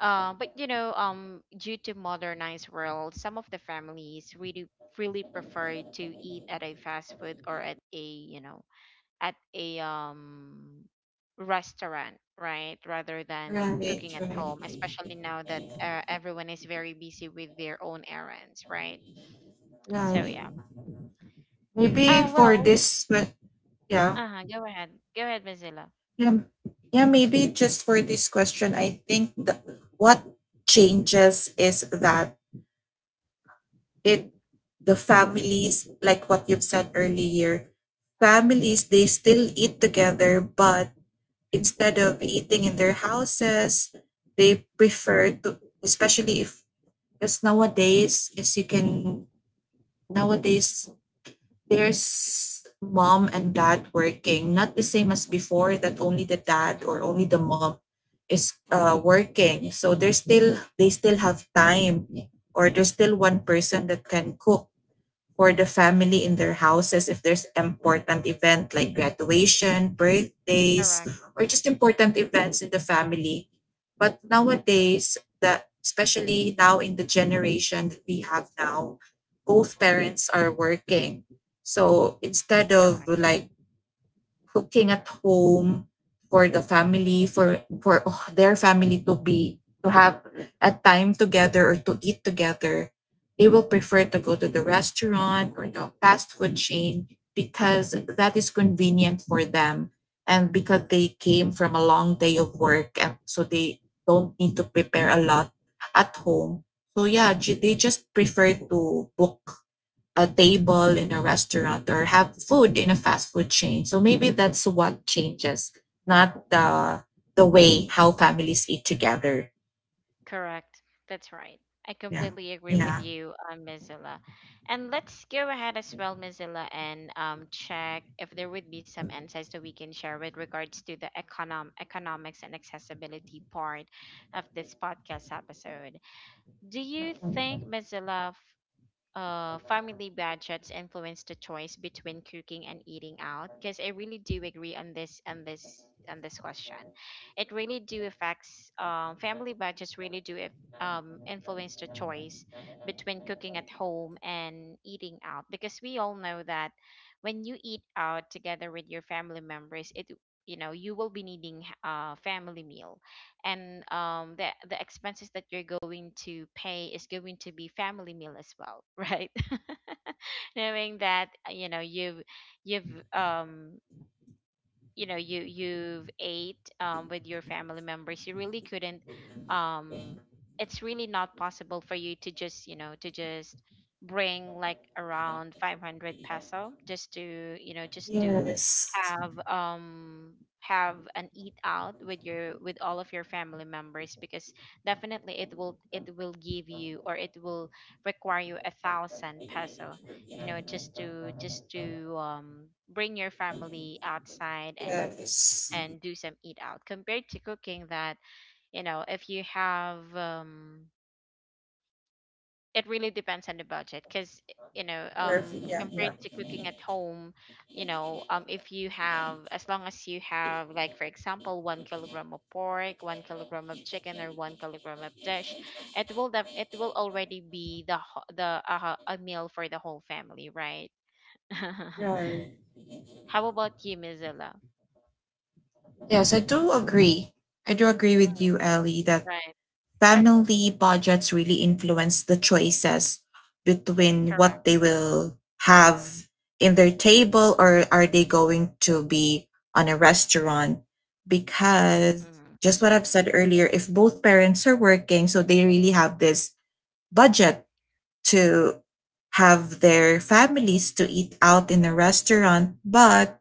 Speaker 1: But you know, due to modernized world, some of the families really really prefer to eat at a fast food or at a you know at a restaurant, right, rather than
Speaker 2: Right,
Speaker 1: cooking at home.
Speaker 2: right,
Speaker 1: Especially now that everyone is very busy with their own errands, right? So
Speaker 2: right.
Speaker 1: yeah.
Speaker 2: Maybe
Speaker 1: Oh
Speaker 2: for
Speaker 1: well.
Speaker 2: this, yeah,
Speaker 1: Uh huh. Go ahead. Go ahead, Mozilla.
Speaker 2: yeah, yeah. maybe just for this question, I think what changes is that it the families, like what you've said earlier,
Speaker 1: Mm-hmm.
Speaker 2: families they still eat together, but instead of eating in their houses, they prefer to, especially if, because nowadays, as you can, nowadays, there's mom and dad working, not the same as before that only the dad
Speaker 1: Mm-hmm.
Speaker 2: or only the mom is
Speaker 1: Right.
Speaker 2: working. So there's still, they still have time or there's still one person that can cook for the family in their houses if there's important event like graduation, birthdays,
Speaker 1: Correct.
Speaker 2: or just important events in the family. But
Speaker 1: Mm,
Speaker 2: nowadays, that especially now in the generation that we have now, both parents are working. So instead of
Speaker 1: correct.
Speaker 2: cooking at home for the family for their family to be to have a time together or to eat together, they will prefer to go to the restaurant or the fast food chain because that is convenient for them, and because they came from a long day of work and so they don't need to prepare a lot at home. So yeah, they just prefer to book a table in a restaurant or have food in a fast food chain. So maybe that's what changes, not the way how families eat together.
Speaker 1: Correct. That's right. I
Speaker 2: Yeah.
Speaker 1: completely agree with
Speaker 2: Yeah.
Speaker 1: you, Ms. Zilla. And let's go ahead as well, Miss Zilla, and check if there would be some insights that we can share with regards to the economics and accessibility part of this podcast episode. Do you think, Miss Zilla, family budgets influence the choice between cooking and eating out? Because I really do agree on this on this on this question. It really do affects family budgets really do if, influence the choice between cooking at home and eating out, because we all know that when you eat out together with your family members, it you know, you will be needing family meal, and the expenses that you're going to pay is going to be family meal as well. *laughs* Right, knowing that
Speaker 2: Right.
Speaker 1: you've um you you've ate with your family members, you really couldn't um it's really not possible for you to just you know to just bring like around 500 peso just to you know just to
Speaker 2: Yes.
Speaker 1: have um have an eat out with your with all of your family members, because definitely it will give you, or it will require you 1,000 peso, you know, just to bring your family outside
Speaker 2: Yeah, it's
Speaker 1: and do some eat out, compared to cooking that, you know, if you have it really depends on the budget. Because you know
Speaker 2: perfect. Yeah, yeah.
Speaker 1: compared to cooking at home, you know if you have, as long as you have like for example 1 kilogram of pork, 1 kilogram of chicken, or 1 kilogram of dish, it will it will already be the ho- the a meal for the whole family, right? *laughs*
Speaker 2: Right.
Speaker 1: How about you, Mozilla?
Speaker 2: Yes, I do agree. I do agree with
Speaker 1: Mm,
Speaker 2: you, Ellie, that
Speaker 1: right,
Speaker 2: family budgets really influence the choices between
Speaker 1: correct.
Speaker 2: what they will have in their table, or are they going to be on a restaurant,
Speaker 1: Mm,
Speaker 2: because just what I've said earlier, if both parents are working, so they really have this budget to have their families to eat out in a restaurant. But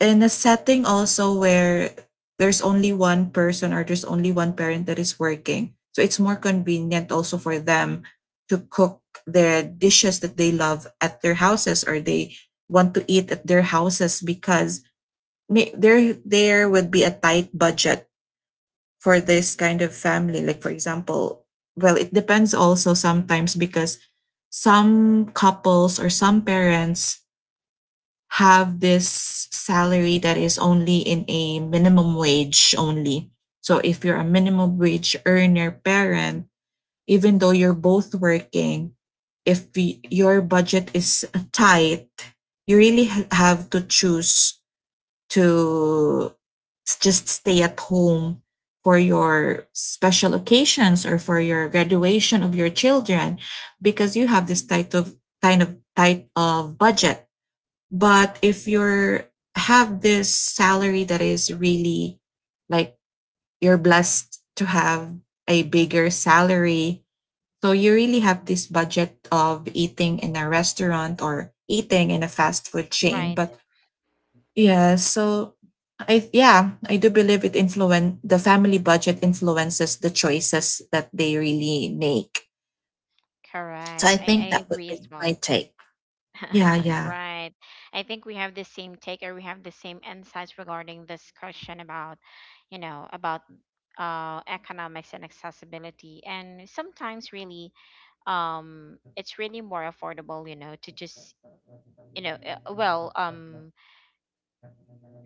Speaker 2: in a setting also where there's only one person or there's only one parent that is working, so it's more convenient also for them to cook the dishes that they love at their houses, or they want to eat at their houses because may, there would be a tight budget for this kind of family. Like for example, well, it depends also sometimes because some couples or some parents have this salary that is only in a minimum wage only. So if you're a minimum wage earner parent, even though you're both working, if your budget is tight, you really have to choose to just stay at home for your special occasions or for your graduation of your children, because you have this tight of kind of tight of budget. But if you're have this salary that is really like you're blessed to have a bigger salary, so you really have this budget of eating in a restaurant or eating in a fast food chain.
Speaker 1: right,
Speaker 2: But yeah, so I, yeah, I do believe it influence the family budget influences the choices that they really make. So I
Speaker 1: I
Speaker 2: think that would
Speaker 1: agree as
Speaker 2: be my
Speaker 1: well.
Speaker 2: take. Yeah,
Speaker 1: *laughs*
Speaker 2: yeah.
Speaker 1: Right. I think we have the same take or we have the same insights regarding this question about, you know, about economics and accessibility. And sometimes really it's really more affordable, you know, to just you know,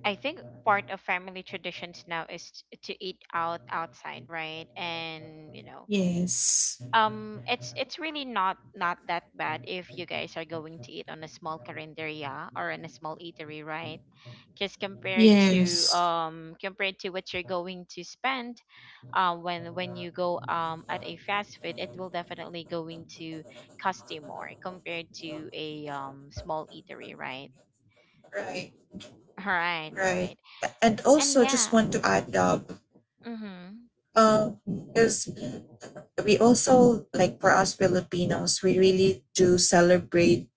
Speaker 1: I think part of family traditions now is to eat out outside, right? And you know,
Speaker 2: Yes.
Speaker 1: it's really not not that bad if you guys are going to eat on a small carinderia or in a small eatery, right? Because compared to
Speaker 2: Yes.
Speaker 1: compared to what you're going to spend when you go at a fast food, it will definitely going to cost you more compared to a small eatery, right?
Speaker 2: Right.
Speaker 1: *laughs* Right,
Speaker 2: Right.
Speaker 1: right.
Speaker 2: And
Speaker 1: And
Speaker 2: also just
Speaker 1: yeah.
Speaker 2: want to add up
Speaker 1: Mm-hmm.
Speaker 2: because we also, like for us Filipinos, we really do celebrate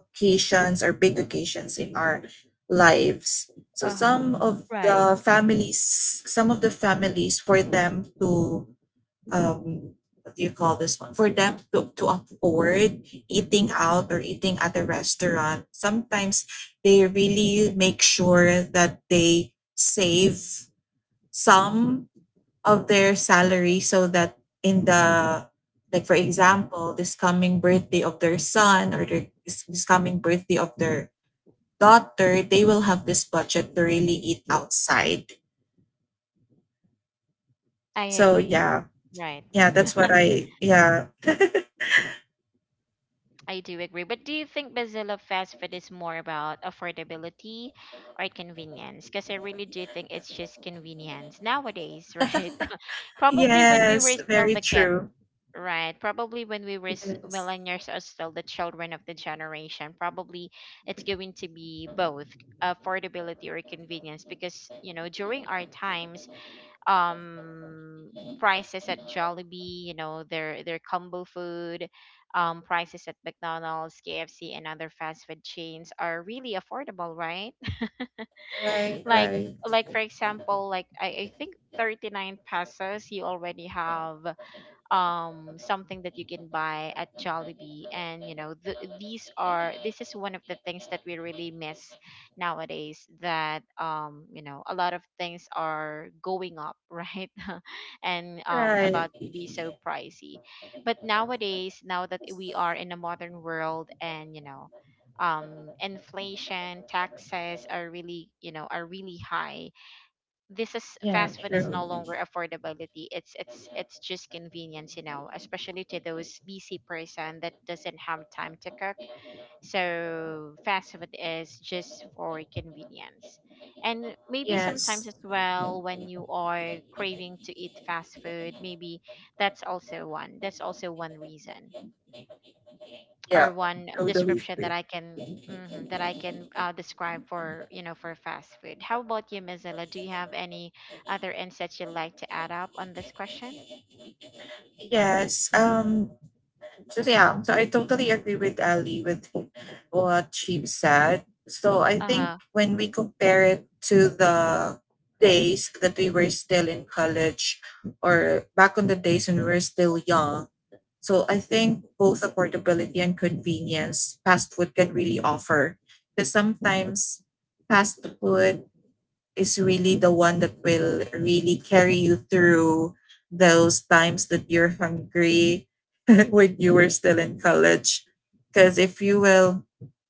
Speaker 2: occasions or big occasions in our lives. So
Speaker 1: Uh-huh.
Speaker 2: some of
Speaker 1: Right,
Speaker 2: the families, some of the families for them to um what do you call this one? For them to afford eating out or eating at a restaurant, sometimes they really make sure that they save some of their salary so that in the, like for example, this coming birthday of their son, or their, this coming birthday of their daughter, they will have this budget to really eat outside.
Speaker 1: I
Speaker 2: So
Speaker 1: agree.
Speaker 2: yeah,
Speaker 1: Right.
Speaker 2: yeah, that's what i, yeah. *laughs*
Speaker 1: I do agree. But do you think Bazilla fast food is more about affordability or convenience? Because I really do think it's just convenience nowadays, right? *laughs* Probably when we were
Speaker 2: Yes,
Speaker 1: still
Speaker 2: very
Speaker 1: the kid,
Speaker 2: true.
Speaker 1: right? Probably when we were
Speaker 2: Yes.
Speaker 1: millennials are still the children of the generation. Probably it's going to be both affordability or convenience because, you know, during our times, um prices at Jollibee, you know, their combo food, prices at McDonald's, KFC and other fast food chains are really affordable, right? *laughs* Like like for example, I think 39 pesos you already have something that you can buy at Jollibee, and you know th- these are this is one of the things that we really miss nowadays. That You know, a lot of things are going up, *laughs* right, *laughs* and
Speaker 2: Right.
Speaker 1: about to be so pricey. But nowadays, now that we are in a modern world, and inflation, taxes are really, are really high. This is
Speaker 2: Yeah,
Speaker 1: Fast food is
Speaker 2: true.
Speaker 1: no longer affordability, it's just convenience, you know, especially to those busy person that doesn't have time to cook. So fast food is just for convenience. And maybe sometimes
Speaker 2: Yes.
Speaker 1: as well, when you are craving to eat fast food, maybe that's also one, reason or
Speaker 2: Yeah,
Speaker 1: one
Speaker 2: totally
Speaker 1: description that
Speaker 2: free.
Speaker 1: I can, mhm, that I can, describe for, for fast food. How about you, Mozilla? Do you have any other insights you'd like to add up on this question?
Speaker 2: Yes. So yeah, so I totally agree with Ali with what she said. So I
Speaker 1: Uh
Speaker 2: think
Speaker 1: huh.
Speaker 2: when we compare it to the days that we were still in college or back on the days when we were still young, so I think both affordability and convenience fast food can really offer. Because sometimes fast food is really the one that will really carry you through those times that you're hungry *laughs* when you were still in college. Because if you will,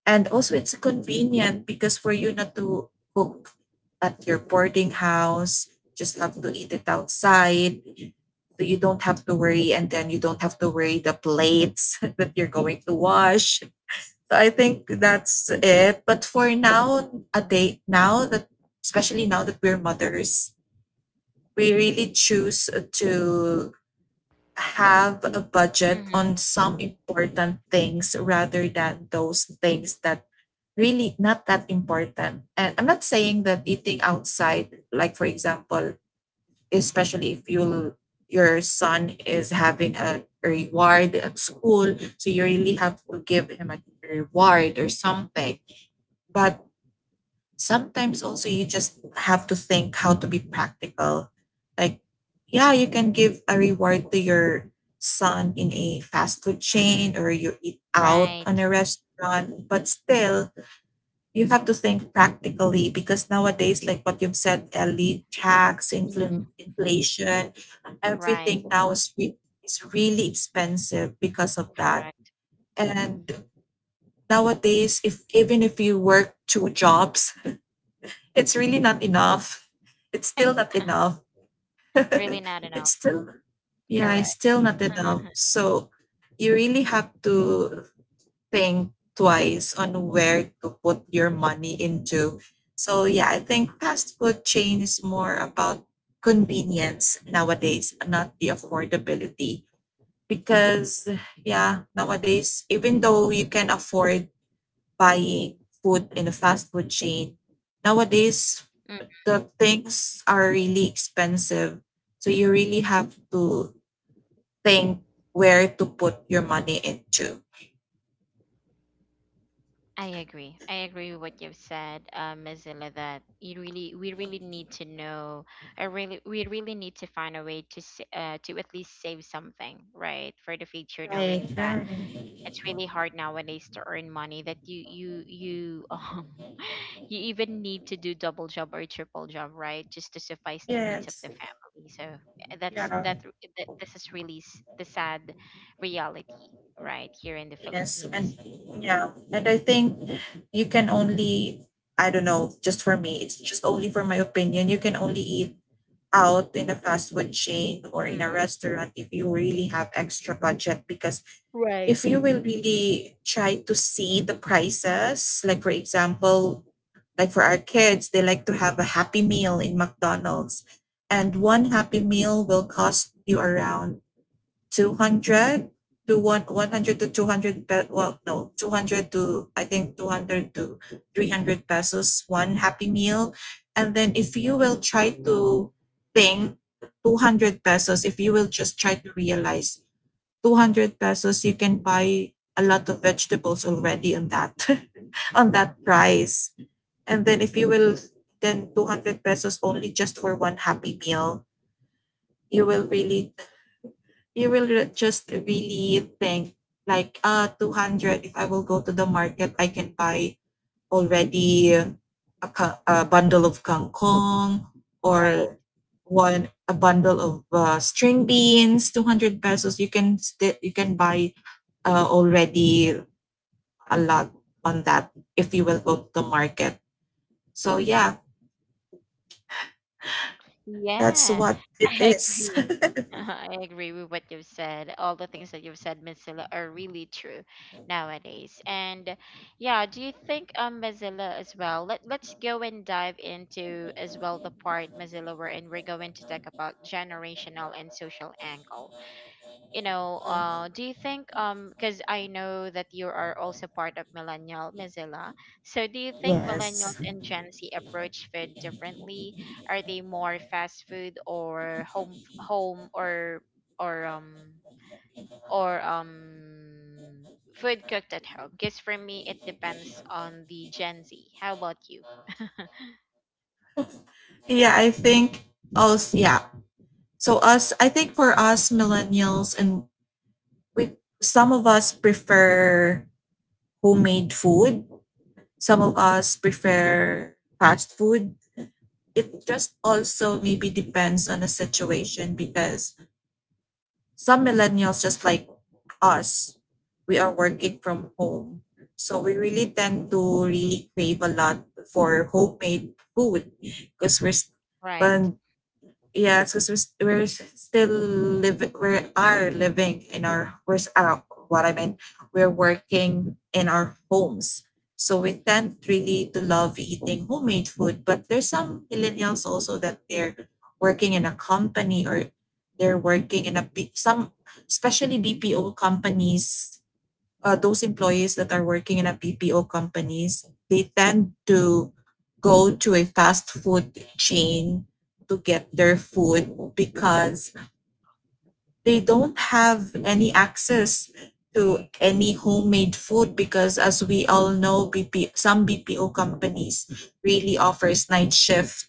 Speaker 2: and also it's convenient because for you not to cook at your boarding house, just have to eat it outside. So you don't have to worry, and then you don't have to worry the plates *laughs* that you're going to wash. So I think that's it. But for now, a day now that especially now that we're mothers, we really choose to have a budget on
Speaker 1: Mhm.
Speaker 2: some important things rather than those things that really not that important. And I'm not saying that eating outside, like for example, especially if you, your son is having a reward at school, so you really have to give him a reward or something. But sometimes also you just have to think how to be practical. Like, yeah, you can give a reward to your son in a fast food
Speaker 1: Mhm.
Speaker 2: chain or you eat out on
Speaker 1: Right.
Speaker 2: a restaurant, but still you have to think practically because nowadays, like what you've said, Ellie, tax,
Speaker 1: Mhm.
Speaker 2: inflation,
Speaker 1: Right.
Speaker 2: everything now is, is really expensive because of that.
Speaker 1: Correct.
Speaker 2: And nowadays, if even if you work two jobs, it's really not enough.
Speaker 1: *laughs*
Speaker 2: It's still not enough.
Speaker 1: Really not
Speaker 2: *laughs*
Speaker 1: enough.
Speaker 2: It's still,
Speaker 1: Correct.
Speaker 2: yeah, it's
Speaker 1: *laughs*
Speaker 2: still not enough. So you really have to think twice on where to put your money into. So yeah, I think fast food chain is more about convenience nowadays, not the affordability. Because yeah, nowadays, even though you can afford buying food in a fast food chain, nowadays the things are really expensive. So you really have to think where to put your money into.
Speaker 1: I agree. I agree with what you've said, Ms. Zilla, that we really need to know, or really, we really need to find a way to, to at least save something, right, for the future,
Speaker 2: Right,
Speaker 1: knowing that
Speaker 2: right.
Speaker 1: it's really hard nowadays to earn money, that *laughs* you even need to do double job or triple job, right, just to suffice the needs of
Speaker 2: Yes.
Speaker 1: the family. So that's
Speaker 2: Yeah.
Speaker 1: that. This is really the sad reality, right, here in the
Speaker 2: Yes. And
Speaker 1: Philippines.
Speaker 2: yeah. And I think you can only, I don't know, just for me, it's just only for my opinion, you can only eat out in a fast food chain or in a
Speaker 1: Mhm.
Speaker 2: restaurant if you really have extra budget. Because if
Speaker 1: Right.
Speaker 2: you will really try to see the prices, like for example, like for our kids, they like to have a happy meal in McDonald's. And one happy meal will cost you around 200 to one, 100 to 200, pe- well, no, 200 to, I think 200 to 300 pesos, one happy meal. And then if you will try to think 200 pesos, if you will just try to realize 200 pesos, you can buy a lot of vegetables already on that, *laughs* on that price. And then if you will then 200 pesos only just for one happy meal, you will really, you will just really think like 200, if I will go to the market, I can buy already a, a bundle of kangkong,
Speaker 1: Right.
Speaker 2: or one a bundle of string beans, 200 pesos you can you can buy already a lot on that if you will go to the market. So yeah, that's
Speaker 1: Yeah,
Speaker 2: what
Speaker 1: *laughs*
Speaker 2: it
Speaker 1: I
Speaker 2: is.
Speaker 1: agree. *laughs* I agree with what you've said. All the things that you've said, Miss Zilla, are really true nowadays. And yeah, do you think, Mozilla, as well? Let's go and dive into as well the part Mozilla we're in. We're going to talk about generational and social angle. You know, do you think, because I know that you are also part of Millennial Mozilla, so do you think Millennials
Speaker 2: Yes.
Speaker 1: and Gen Z approach food differently? Are they more fast food or home, or or um food cooked at home? Because for me, it depends on the Gen Z. How about you?
Speaker 2: Yeah, I think also yeah. So us, I think for us millennials and we, some of us prefer homemade food, some of us prefer fast food. It just also maybe depends on the situation because some millennials just like us, we are working from home. So we really tend to really crave a lot for homemade food because we're s-
Speaker 1: Right,
Speaker 2: when yes, because we're still living, we are living in our, we're, what I mean, we're working in our homes. So we tend really to love eating homemade food. But there's some millennials also that they're working in a company, or they're working in a, some, especially BPO companies, those employees that are working in a BPO companies, they tend to go to a fast food chain to get their food because they don't have any access to any homemade food because as we all know BP some BPO companies really offers night shift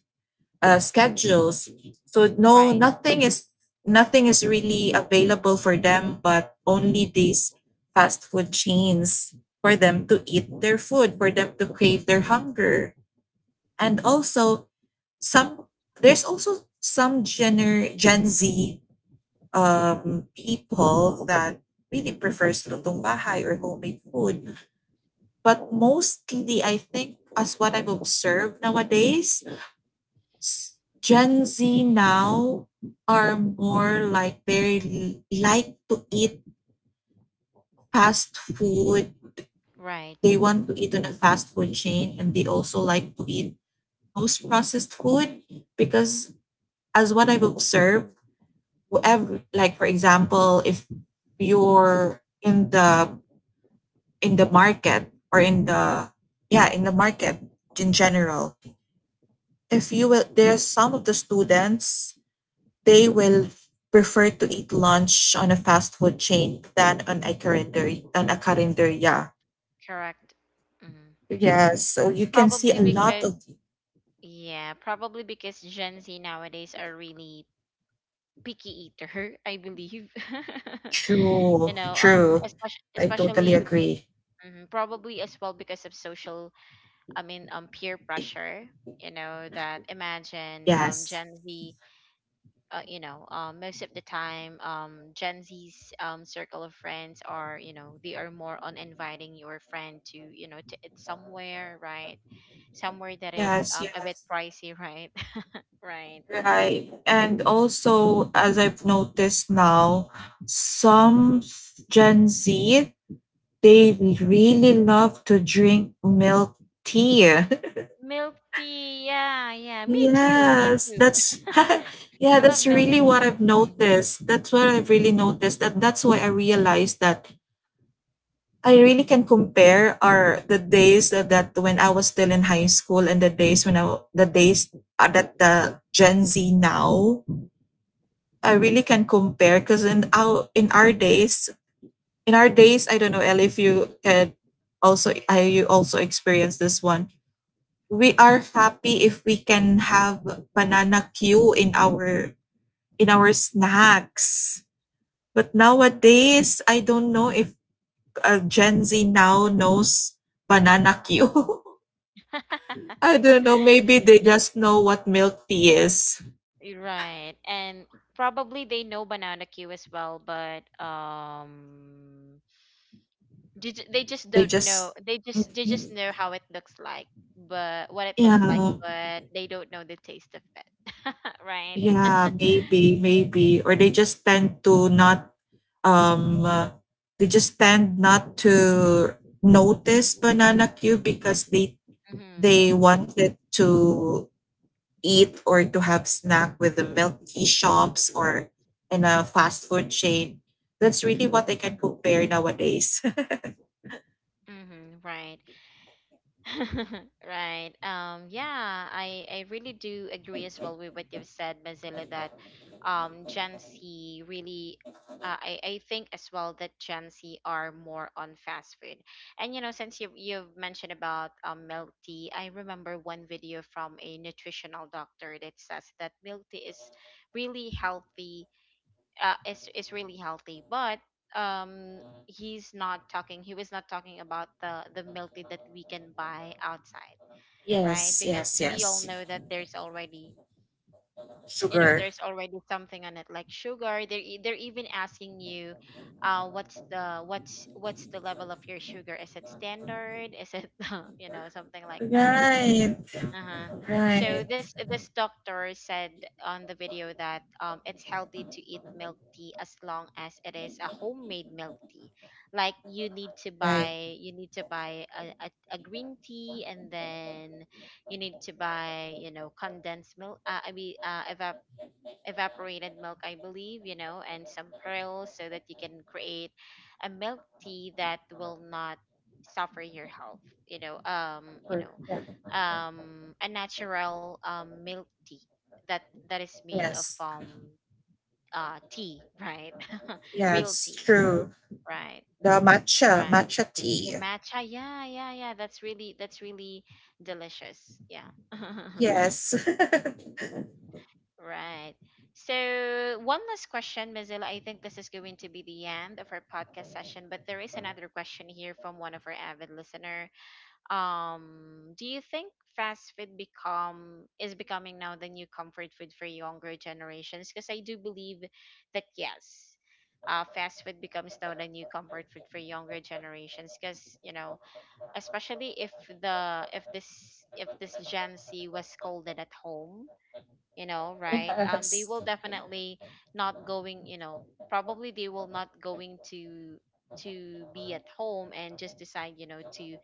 Speaker 2: schedules. So
Speaker 1: right,
Speaker 2: no, nothing is nothing is really available for them, but only these fast food chains for them to eat their food, for them to crave their hunger. And also some, there's also some Gen Z people that really prefers lutong bahay or homemade food. But mostly, I think, as what I've observed nowadays, Gen Z now are more like they like to eat fast food.
Speaker 1: right.
Speaker 2: They want to eat on a fast food chain, and they also like to eat most processed food because as what I've observed, whoever, like for example, if you're in the, in the market, or in the, yeah, in the market in general, if you will, there's some of the students, they will prefer to eat lunch on a fast food chain than on a calendar, on a carinderia.
Speaker 1: Correct. Mm.
Speaker 2: Yes, so you can see
Speaker 1: Probably
Speaker 2: a lot
Speaker 1: because
Speaker 2: of
Speaker 1: Yeah, probably because Gen Z nowadays are really picky eater, *laughs* I believe. *laughs* You
Speaker 2: true,
Speaker 1: know,
Speaker 2: true. I totally
Speaker 1: especially,
Speaker 2: agree.
Speaker 1: mhm, probably as well because of social, I mean, peer pressure. You know that, imagine,
Speaker 2: Yes,
Speaker 1: Gen Z, you know, most of the time, Gen Z's circle of friends are, you know, they are more on inviting your friend to, you know, to eat somewhere, right? Somewhere that is
Speaker 2: yes,
Speaker 1: a bit
Speaker 2: yes.
Speaker 1: pricey, *laughs* right? *laughs* Right.
Speaker 2: Right, and also as I've noticed now, some Gen Z, they really love to drink milk tea.
Speaker 1: Milk tea, yeah, yeah. Me too, me
Speaker 2: Yes,
Speaker 1: too.
Speaker 2: that's *laughs*
Speaker 1: *laughs*
Speaker 2: yeah,
Speaker 1: I love
Speaker 2: that's
Speaker 1: milk
Speaker 2: really
Speaker 1: tea.
Speaker 2: what I've
Speaker 1: Mm.
Speaker 2: noticed. That's what I've really noticed. That that's why I realized that I really can compare our the days that, that when I was still in high school and the days when I the days that the Gen Z now. I really can compare because in our days in our days, I don't know Elle, if you had also, I you also experienced this one. We are happy if we can have banana queue in our snacks. But nowadays, I don't know if Gen Z now knows banana Q. *laughs* I don't
Speaker 1: *laughs*
Speaker 2: know. Maybe they just know what milk tea is.
Speaker 1: You're right. And probably they know banana Q as well, but they just
Speaker 2: They
Speaker 1: don't
Speaker 2: just,
Speaker 1: know. They just know how it looks like,
Speaker 2: yeah,
Speaker 1: but they don't know the taste of it. *laughs* Right. *laughs*
Speaker 2: yeah, maybe, maybe. Or they just tend to not, um, uh, they just tend not to notice banana Q because
Speaker 1: Mm-hmm.
Speaker 2: they wanted to eat or to have snack with the milk tea shops or in a fast food chain. That's really what I can compare nowadays.
Speaker 1: Mm-hmm. Right. *laughs* Right. Yeah, I really do agree as well with what you've said, Mazilla, that um, Gen Z really, I think as well that Gen Z are more on fast food. And, you know, since you've mentioned about milk tea, I remember one video from a nutritional doctor that says that milk tea is really healthy, is really healthy. But He was not talking about the milk tea that we can buy outside,
Speaker 2: *laughs*
Speaker 1: right?
Speaker 2: Yes,
Speaker 1: Because
Speaker 2: yes,
Speaker 1: we all
Speaker 2: yes.
Speaker 1: know that there's already, you know,
Speaker 2: Sugar.
Speaker 1: there's already something on it like sugar. They're even asking you, what's the, what's the level of your sugar? Is it standard? Is it, *laughs* you know, something like that?
Speaker 2: Right,
Speaker 1: Uh-huh. So
Speaker 2: right,
Speaker 1: this doctor said on the video that it's healthy to eat milk tea as long as it is a homemade milk tea. Like
Speaker 2: right.
Speaker 1: you need to buy a green tea, and then you need to buy, you know, condensed milk, I mean, evaporated milk, I believe, you know, and some pearls so that you can create a milk tea that will not suffer your health, you know, um, you know, a natural, milk tea that that is made of,
Speaker 2: Yes.
Speaker 1: tea, right? *laughs*
Speaker 2: Yeah,
Speaker 1: Real
Speaker 2: it's
Speaker 1: tea,
Speaker 2: true.
Speaker 1: right?
Speaker 2: The matcha,
Speaker 1: Right.
Speaker 2: matcha
Speaker 1: The
Speaker 2: tea.
Speaker 1: matcha, yeah, yeah, yeah. That's really, that's really delicious. Yeah. *laughs*
Speaker 2: Yes. *laughs*
Speaker 1: Right. So, one last question, Mozilla. I think this is going to be the end of our podcast session, but there is another question here from one of our avid listener. Do you think fast food become is becoming now the new comfort food for younger generations? Because I do believe that yes, fast food becomes now the new comfort food for younger generations. Because you know, especially if the if this Gen Z was scolded at home, you know, right, they
Speaker 2: Yes.
Speaker 1: will definitely not going you know, probably they will not going to be at home and just decide, you know,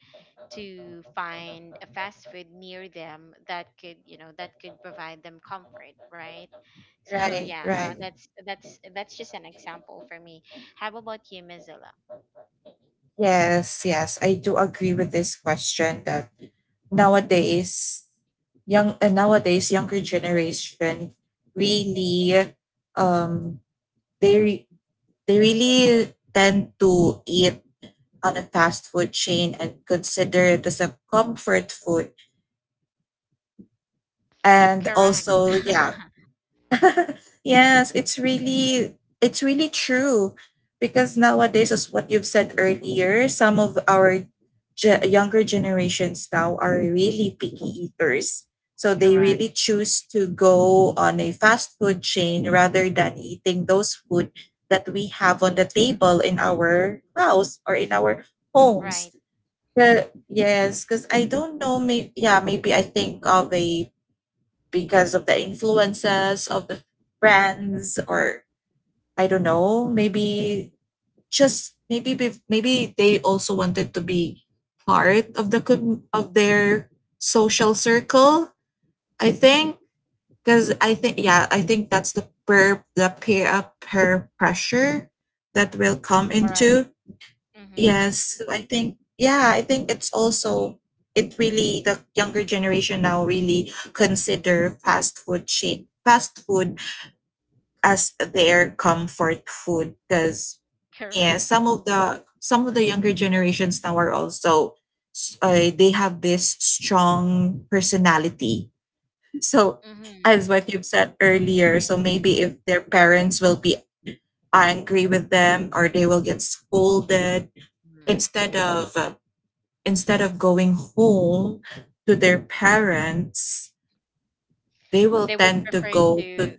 Speaker 1: to find a fast food near them that could, you know, that could provide them comfort, right? *laughs* So
Speaker 2: Right,
Speaker 1: yeah,
Speaker 2: right.
Speaker 1: that's just an example for me. How about you, Mozilla?
Speaker 2: Yes, yes. I do agree with this question that nowadays young, nowadays younger generation really um they re- they really tend to eat on a fast food chain and consider it as a comfort food and
Speaker 1: Correct.
Speaker 2: also yeah.
Speaker 1: *laughs*
Speaker 2: *laughs* Yes, it's really true because nowadays, as what you've said earlier, some of our younger generations now are really picky eaters. So they
Speaker 1: Correct.
Speaker 2: really choose to go on a fast food chain rather than eating those food that we have on the table in our house or in our homes.
Speaker 1: Right.
Speaker 2: Yes, because I don't know. Maybe yeah, maybe I think of a because of the influences of the brands or I don't know, maybe just maybe maybe they also wanted to be part of the of their social circle. I think because I think yeah, I think that's the peer peer pressure that will come
Speaker 1: Correct.
Speaker 2: into
Speaker 1: Mm-hmm.
Speaker 2: yes, so I think yeah, I think it's also it really the younger generation now really consider fast food shape fast food as their comfort food because yeah,
Speaker 1: Correct.
Speaker 2: some of the younger generations now are also they have this strong personality. So
Speaker 1: Mm-hmm.
Speaker 2: as what you've said earlier,
Speaker 1: Agree.
Speaker 2: so maybe if their parents will be angry with them or they will get scolded
Speaker 1: Hmm.
Speaker 2: instead of uh, instead of going home to their parents, they will
Speaker 1: They would
Speaker 2: tend to
Speaker 1: prefer
Speaker 2: go to
Speaker 1: to,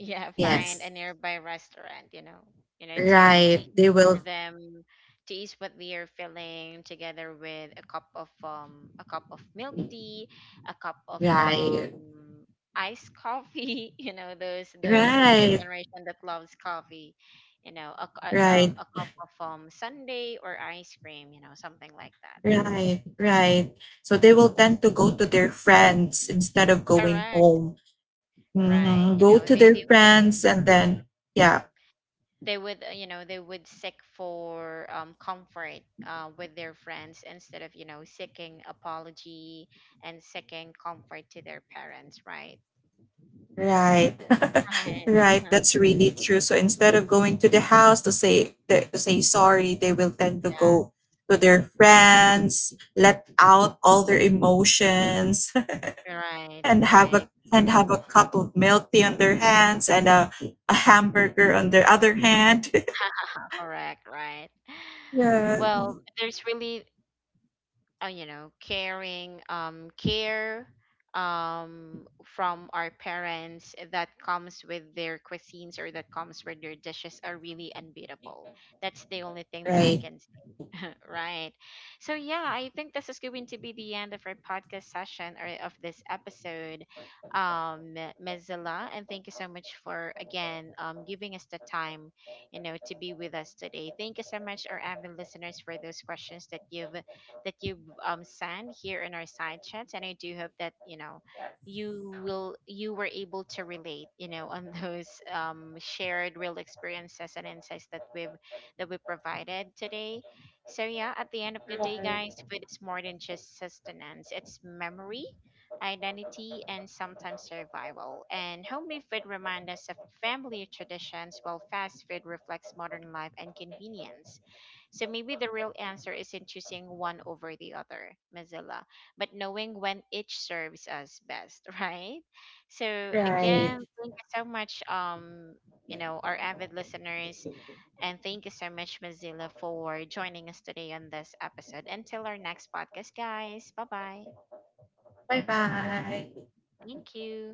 Speaker 1: yeah, find
Speaker 2: yes,
Speaker 1: a nearby restaurant, you know, you know, to
Speaker 2: right. They
Speaker 1: eat for
Speaker 2: will
Speaker 1: them to eat what we are feeling, together with a cup of, a cup of milk tea, a cup of,
Speaker 2: right,
Speaker 1: iced coffee, *laughs* you know, those younger
Speaker 2: right,
Speaker 1: generation that loves coffee, you know,
Speaker 2: right,
Speaker 1: a cup of, sundae or ice cream, you know, something like that.
Speaker 2: right, right. So they will tend to go to their friends instead of going
Speaker 1: Correct.
Speaker 2: home.
Speaker 1: Right.
Speaker 2: Mhm,
Speaker 1: You
Speaker 2: go
Speaker 1: know,
Speaker 2: to their friends and then yeah,
Speaker 1: they would, you know, they would seek for, comfort, with their friends, instead of, you know, seeking apology and seeking comfort to their parents, right?
Speaker 2: right. *laughs*
Speaker 1: Right.
Speaker 2: Right.
Speaker 1: Uh-huh.
Speaker 2: That's really true. So instead of going to the house to say sorry, they will tend to go to their friends, let out all their emotions,
Speaker 1: Yeah,
Speaker 2: *laughs*
Speaker 1: right, right.
Speaker 2: and have a cup of milk tea on their hands and a hamburger on their other hand. *laughs*
Speaker 1: Correct. Right. *sighs*
Speaker 2: Yeah.
Speaker 1: Well, there's really, you know, caring, care, from our parents that comes with their cuisines, or that comes with their dishes, are really unbeatable. That's the only thing that I
Speaker 2: Right.
Speaker 1: can. *laughs* Right. So yeah, I think this is going to be the end of our podcast session or of this episode, um, Mezilla, and thank you so much for again, giving us the time, you know, to be with us today. Thank you so much, our avid listeners, for those questions that you've sent here in our side chats, and I do hope that, you know, you were able to relate, you know, on *laughs* those shared real experiences and insights that we provided today. So yeah, at the end of the day, guys, food is more than just sustenance. It's memory, identity, and sometimes survival. And homemade food reminds us of family traditions, while fast food reflects modern life and convenience. So maybe the real answer isn't choosing one over the other, Mozilla, but knowing when each serves us best, *laughs* right? So
Speaker 2: Right. Right.
Speaker 1: again, thank you so much, you know, our avid listeners, and thank you so much, Mozilla, for joining us today on this episode. Until our next podcast, guys. Bye bye.
Speaker 2: Bye bye.
Speaker 1: Thank you.